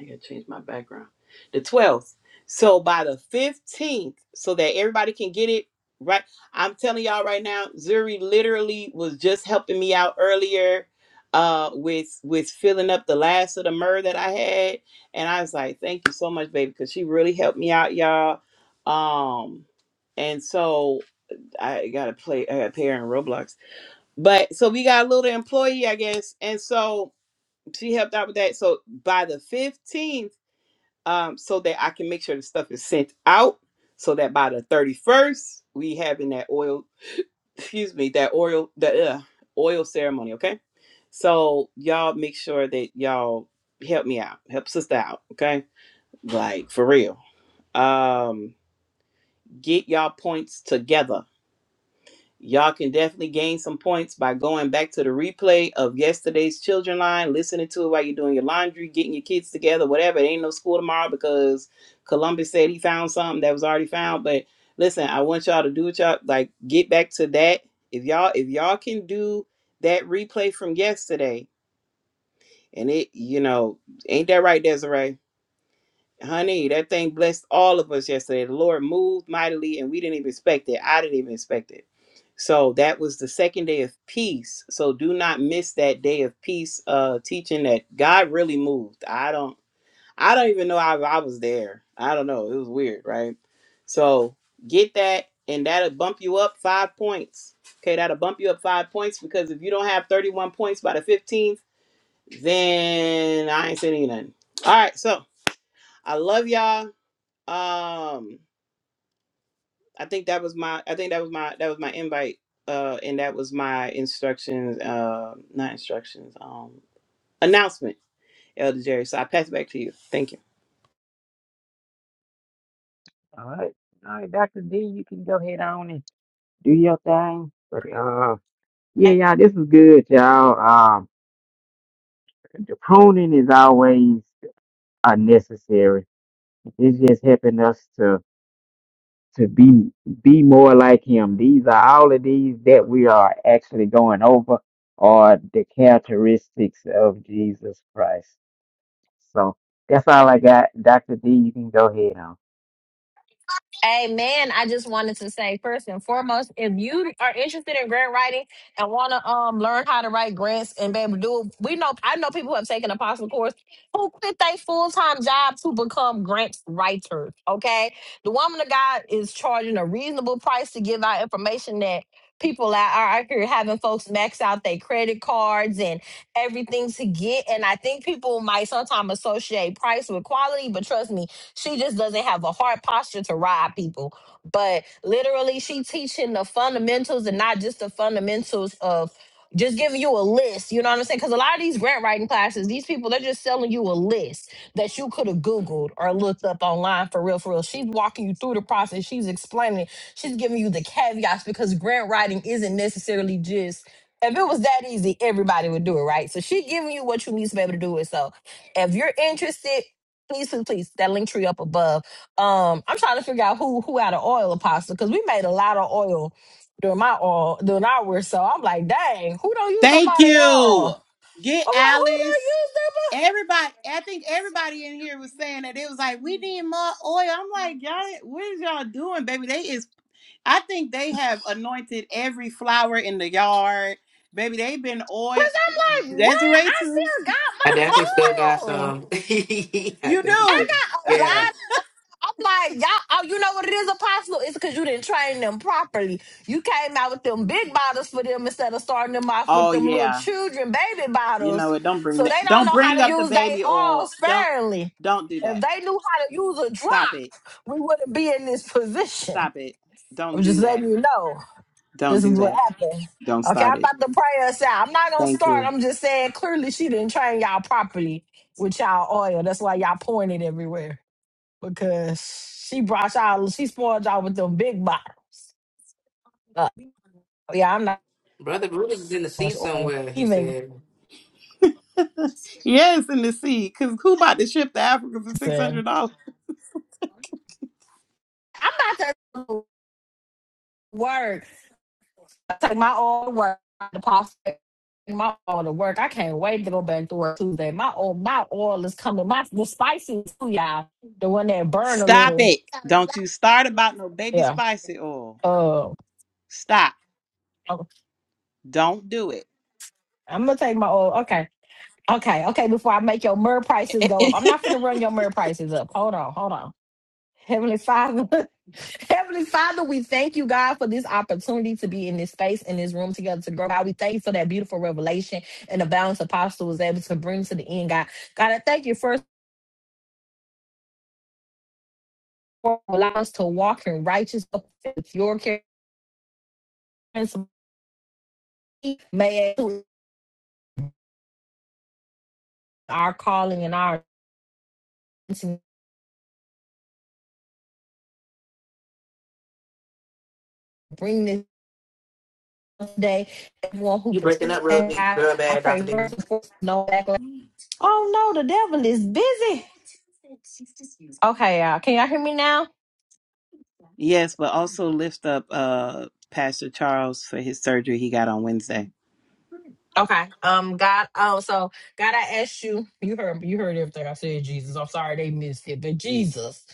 S7: I gotta change my background. The twelfth. So by the fifteenth, so that everybody can get it right. I'm telling y'all right now, Zuri literally was just helping me out earlier uh with with filling up the last of the myrrh that I had. And I was like, thank you so much, baby, because she really helped me out, y'all. Um and so I gotta play I gotta pay her in Roblox. But so we got a little employee, I guess. And so she helped out with that. So by the 15th um, so that I can make sure the stuff is sent out so that by the 31st we having that oil, excuse me, that oil, the uh, oil ceremony. Okay. So y'all make sure that y'all help me out, help sister out. Okay. Like for real. Um, get y'all points together Y'all can definitely gain some points by going back to the replay of yesterday's children line, listening to it while you're doing your laundry, getting your kids together, whatever. It ain't no school tomorrow because Columbus said he found something that was already found. But listen, I want y'all to do what y'all like. Get back to that. If y'all if y'all can do that replay from yesterday, and it you know ain't that right, Desiree? Honey, that thing blessed all of us yesterday. The Lord moved mightily, and we didn't even expect it. I didn't even expect it. So that was the second day of peace. So do not miss that day of peace uh teaching that God really moved. I don't I don't even know I, I was there. I don't know. It was weird, right? So get that and that'll bump you up five points. Okay, that'll bump you up five points because if you don't have 31 points by the 15th, then I ain't saying nothing. All right, so I love y'all. Um, I think that was my I think that was my that was my invite. Uh, and that was my instructions. Uh, not instructions. Um, announcement, Elder Jerry. So I pass it back to you. Thank you.
S3: All right, all right, Doctor D, you can go ahead on and do your thing. But uh, yeah, y'all, this is good, y'all. Um, the pruning is always unnecessary. It's just helping us to. to be be more like him. These are all of these that we are actually going over are the characteristics of Jesus Christ. So that's all I got. Dr. D, you can go ahead now.
S6: Amen. I just wanted to say first and foremost, if you are interested in grant writing and want to um learn how to write grants and be able to do it, we know I know people who have taken apostle course who quit their full time job to become grant writers. Okay, the woman of God is charging a reasonable price to give out information that people out are out here having folks max out their credit cards and everything to get. And I think people might sometimes associate price with quality, but trust me, she just doesn't have a hard posture to ride people. But literally, she teaching the fundamentals and not just the fundamentals of just giving you a list. You know what I'm saying? Because a lot of these grant writing classes, these people, they're just selling you a list that you could have Googled or looked up online for real, for real. She's walking you through the process. She's explaining. it. She's giving you the caveats because grant writing isn't necessarily just if it was that easy, everybody would do it, right? So she giving you what you need to be able to do it. So if you're interested Please, please, please, that link tree up above. Um, I'm trying to figure out who who had an oil apostle because we made a lot of oil during my oil during our so I'm like, dang, who don't use up
S7: Thank
S6: all their
S7: you.
S6: oil?
S7: Get
S6: I'm like, who
S7: Alice.
S6: don't use up?
S7: Everybody, I think everybody in here was saying that it was like we need more oil. I'm like, y'all, what is y'all doing, baby? They is. I think they have anointed every flower in the yard, baby. They've been oil.
S6: Because I'm like, what?
S7: Desiree
S6: I
S7: too.
S6: still got
S2: I definitely still got
S6: my oil.
S2: some. [laughs] I
S7: You
S6: I
S2: definitely-
S7: do.
S6: got a
S2: yeah,
S6: lot of I'm like, y'all, oh, you know what it is, Apostle? It's because you didn't train them properly. You came out with them big bottles for them instead of starting them off with
S7: Oh
S6: them little
S7: yeah.
S6: children baby
S7: You know
S6: bottles.
S7: what? Don't bring
S6: So
S7: that.
S6: they don't
S7: Don't
S6: know how
S7: bring
S6: to
S7: up the
S6: use their
S7: baby oil.
S6: arms
S7: Don't
S6: sparingly.
S7: don't do
S6: If
S7: that.
S6: they knew how to use a
S7: Stop it.
S6: drop, we wouldn't be in this position.
S7: Stop it. Don't
S6: I'm
S7: do
S6: just
S7: that.
S6: letting you know
S7: Don't
S6: this
S7: do
S6: is what
S7: that.
S6: happened.
S7: Don't
S6: Okay,
S7: start
S6: I'm
S7: it.
S6: about to pray us out. I'm not gonna
S7: Thank
S6: start.
S7: you.
S6: I'm just saying clearly she didn't train y'all properly with y'all oil. That's why y'all pouring it everywhere because she brought y'all, she spoiled y'all with them big bottles. Uh, yeah, I'm not
S2: brother Brutus is in the
S6: so
S2: sea
S6: much oil.
S2: somewhere. He
S6: Even
S2: said,
S7: Yes, in the sea, because who bought the ship to Africa for six
S6: listen,
S7: hundred dollars?
S6: I'm not that work. I take my oil to work. The pasta, my oil to work. I can't wait to go back to work Tuesday. My oil, my oil is coming. My the spicy too, y'all. The one that burn a
S7: Stop
S6: little.
S7: it. Don't you start about no baby
S6: Yeah.
S7: spicy oil.
S6: Uh,
S7: Stop. Don't do
S6: I'm gonna take my oil. Okay. Okay, okay, before I make your myrrh
S7: it.
S6: prices go up. I'm
S7: [laughs]
S6: not finna run your myrrh prices up. Hold on, hold on. Heavenly Father. [laughs] Heavenly Father, we thank you, God, for this opportunity to be in this space, in this room together to grow. God, we thank you for that beautiful revelation and the balance apostle was able to bring to the end, God. God, I thank you first for allowing us to walk in righteousness with your care. and some- May our calling and our to bring this day. Everyone who
S2: You breaking up real
S6: participated,
S2: big,
S6: God,
S2: real
S6: I
S2: bad, Doctor
S6: pray
S2: D.
S6: first and foremost, no backlash. Oh no, the devil is busy. Okay, y'all. Can y'all hear me now?
S7: Yes, but also lift up uh Pastor Charles for his surgery he got on Wednesday.
S6: Okay. Um. God. Oh. So God, I asked you. You heard. You heard everything I said. Jesus. I'm sorry they missed it, but Jesus.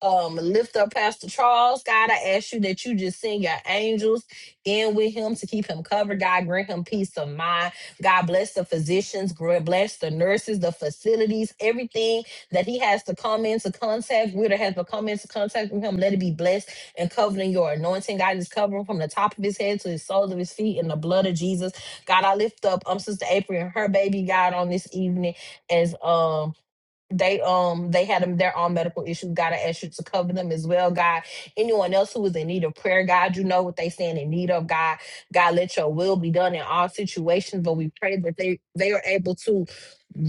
S6: Um. Lift up Pastor Charles. God, I ask you that you just send your angels in with him to keep him covered. God, grant him peace of mind. God, bless the physicians. gr- Bless the nurses, the facilities, everything that he has to come into contact with or has to come into contact with him. Let it be blessed and covered in your anointing. God, just cover him from the top of his head to the soles of his feet in the blood of Jesus. God, I lift up um Sister April and her baby God on this evening as um they um they had them their own medical issues. God, I ask you to cover them as well, God. Anyone else who is in need of prayer, God, you know what they stand in need of, God. God, let your will be done in all situations. But we pray that they they are able to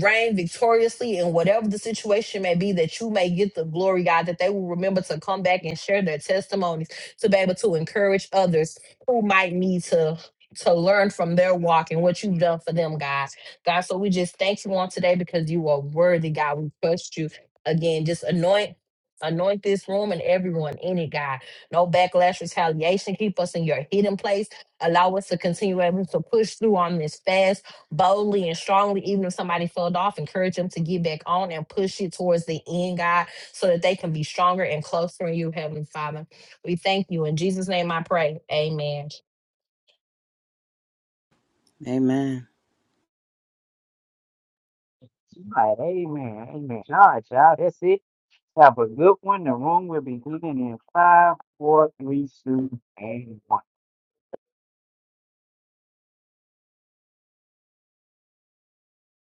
S6: reign victoriously in whatever the situation may be, that you may get the glory, God, that they will remember to come back and share their testimonies to be able to encourage others who might need to to learn from their walk and what you've done for them, God. God, so we just thank you on today because you are worthy, God. We trust you. Again, just anoint. Anoint this room and everyone in it, God. No backlash, retaliation. Keep us in your hidden place. Allow us to continue able to push through on this fast, boldly and strongly. Even if somebody fell off, encourage them to get back on and push it towards the end, God, so that they can be stronger and closer in you, Heavenly Father. We thank you. In Jesus' name I pray. Amen.
S7: Amen.
S3: All right, amen. Amen. All right, y'all. That's it. Have a good one. The room will be leaving in five, four, three, two, and one.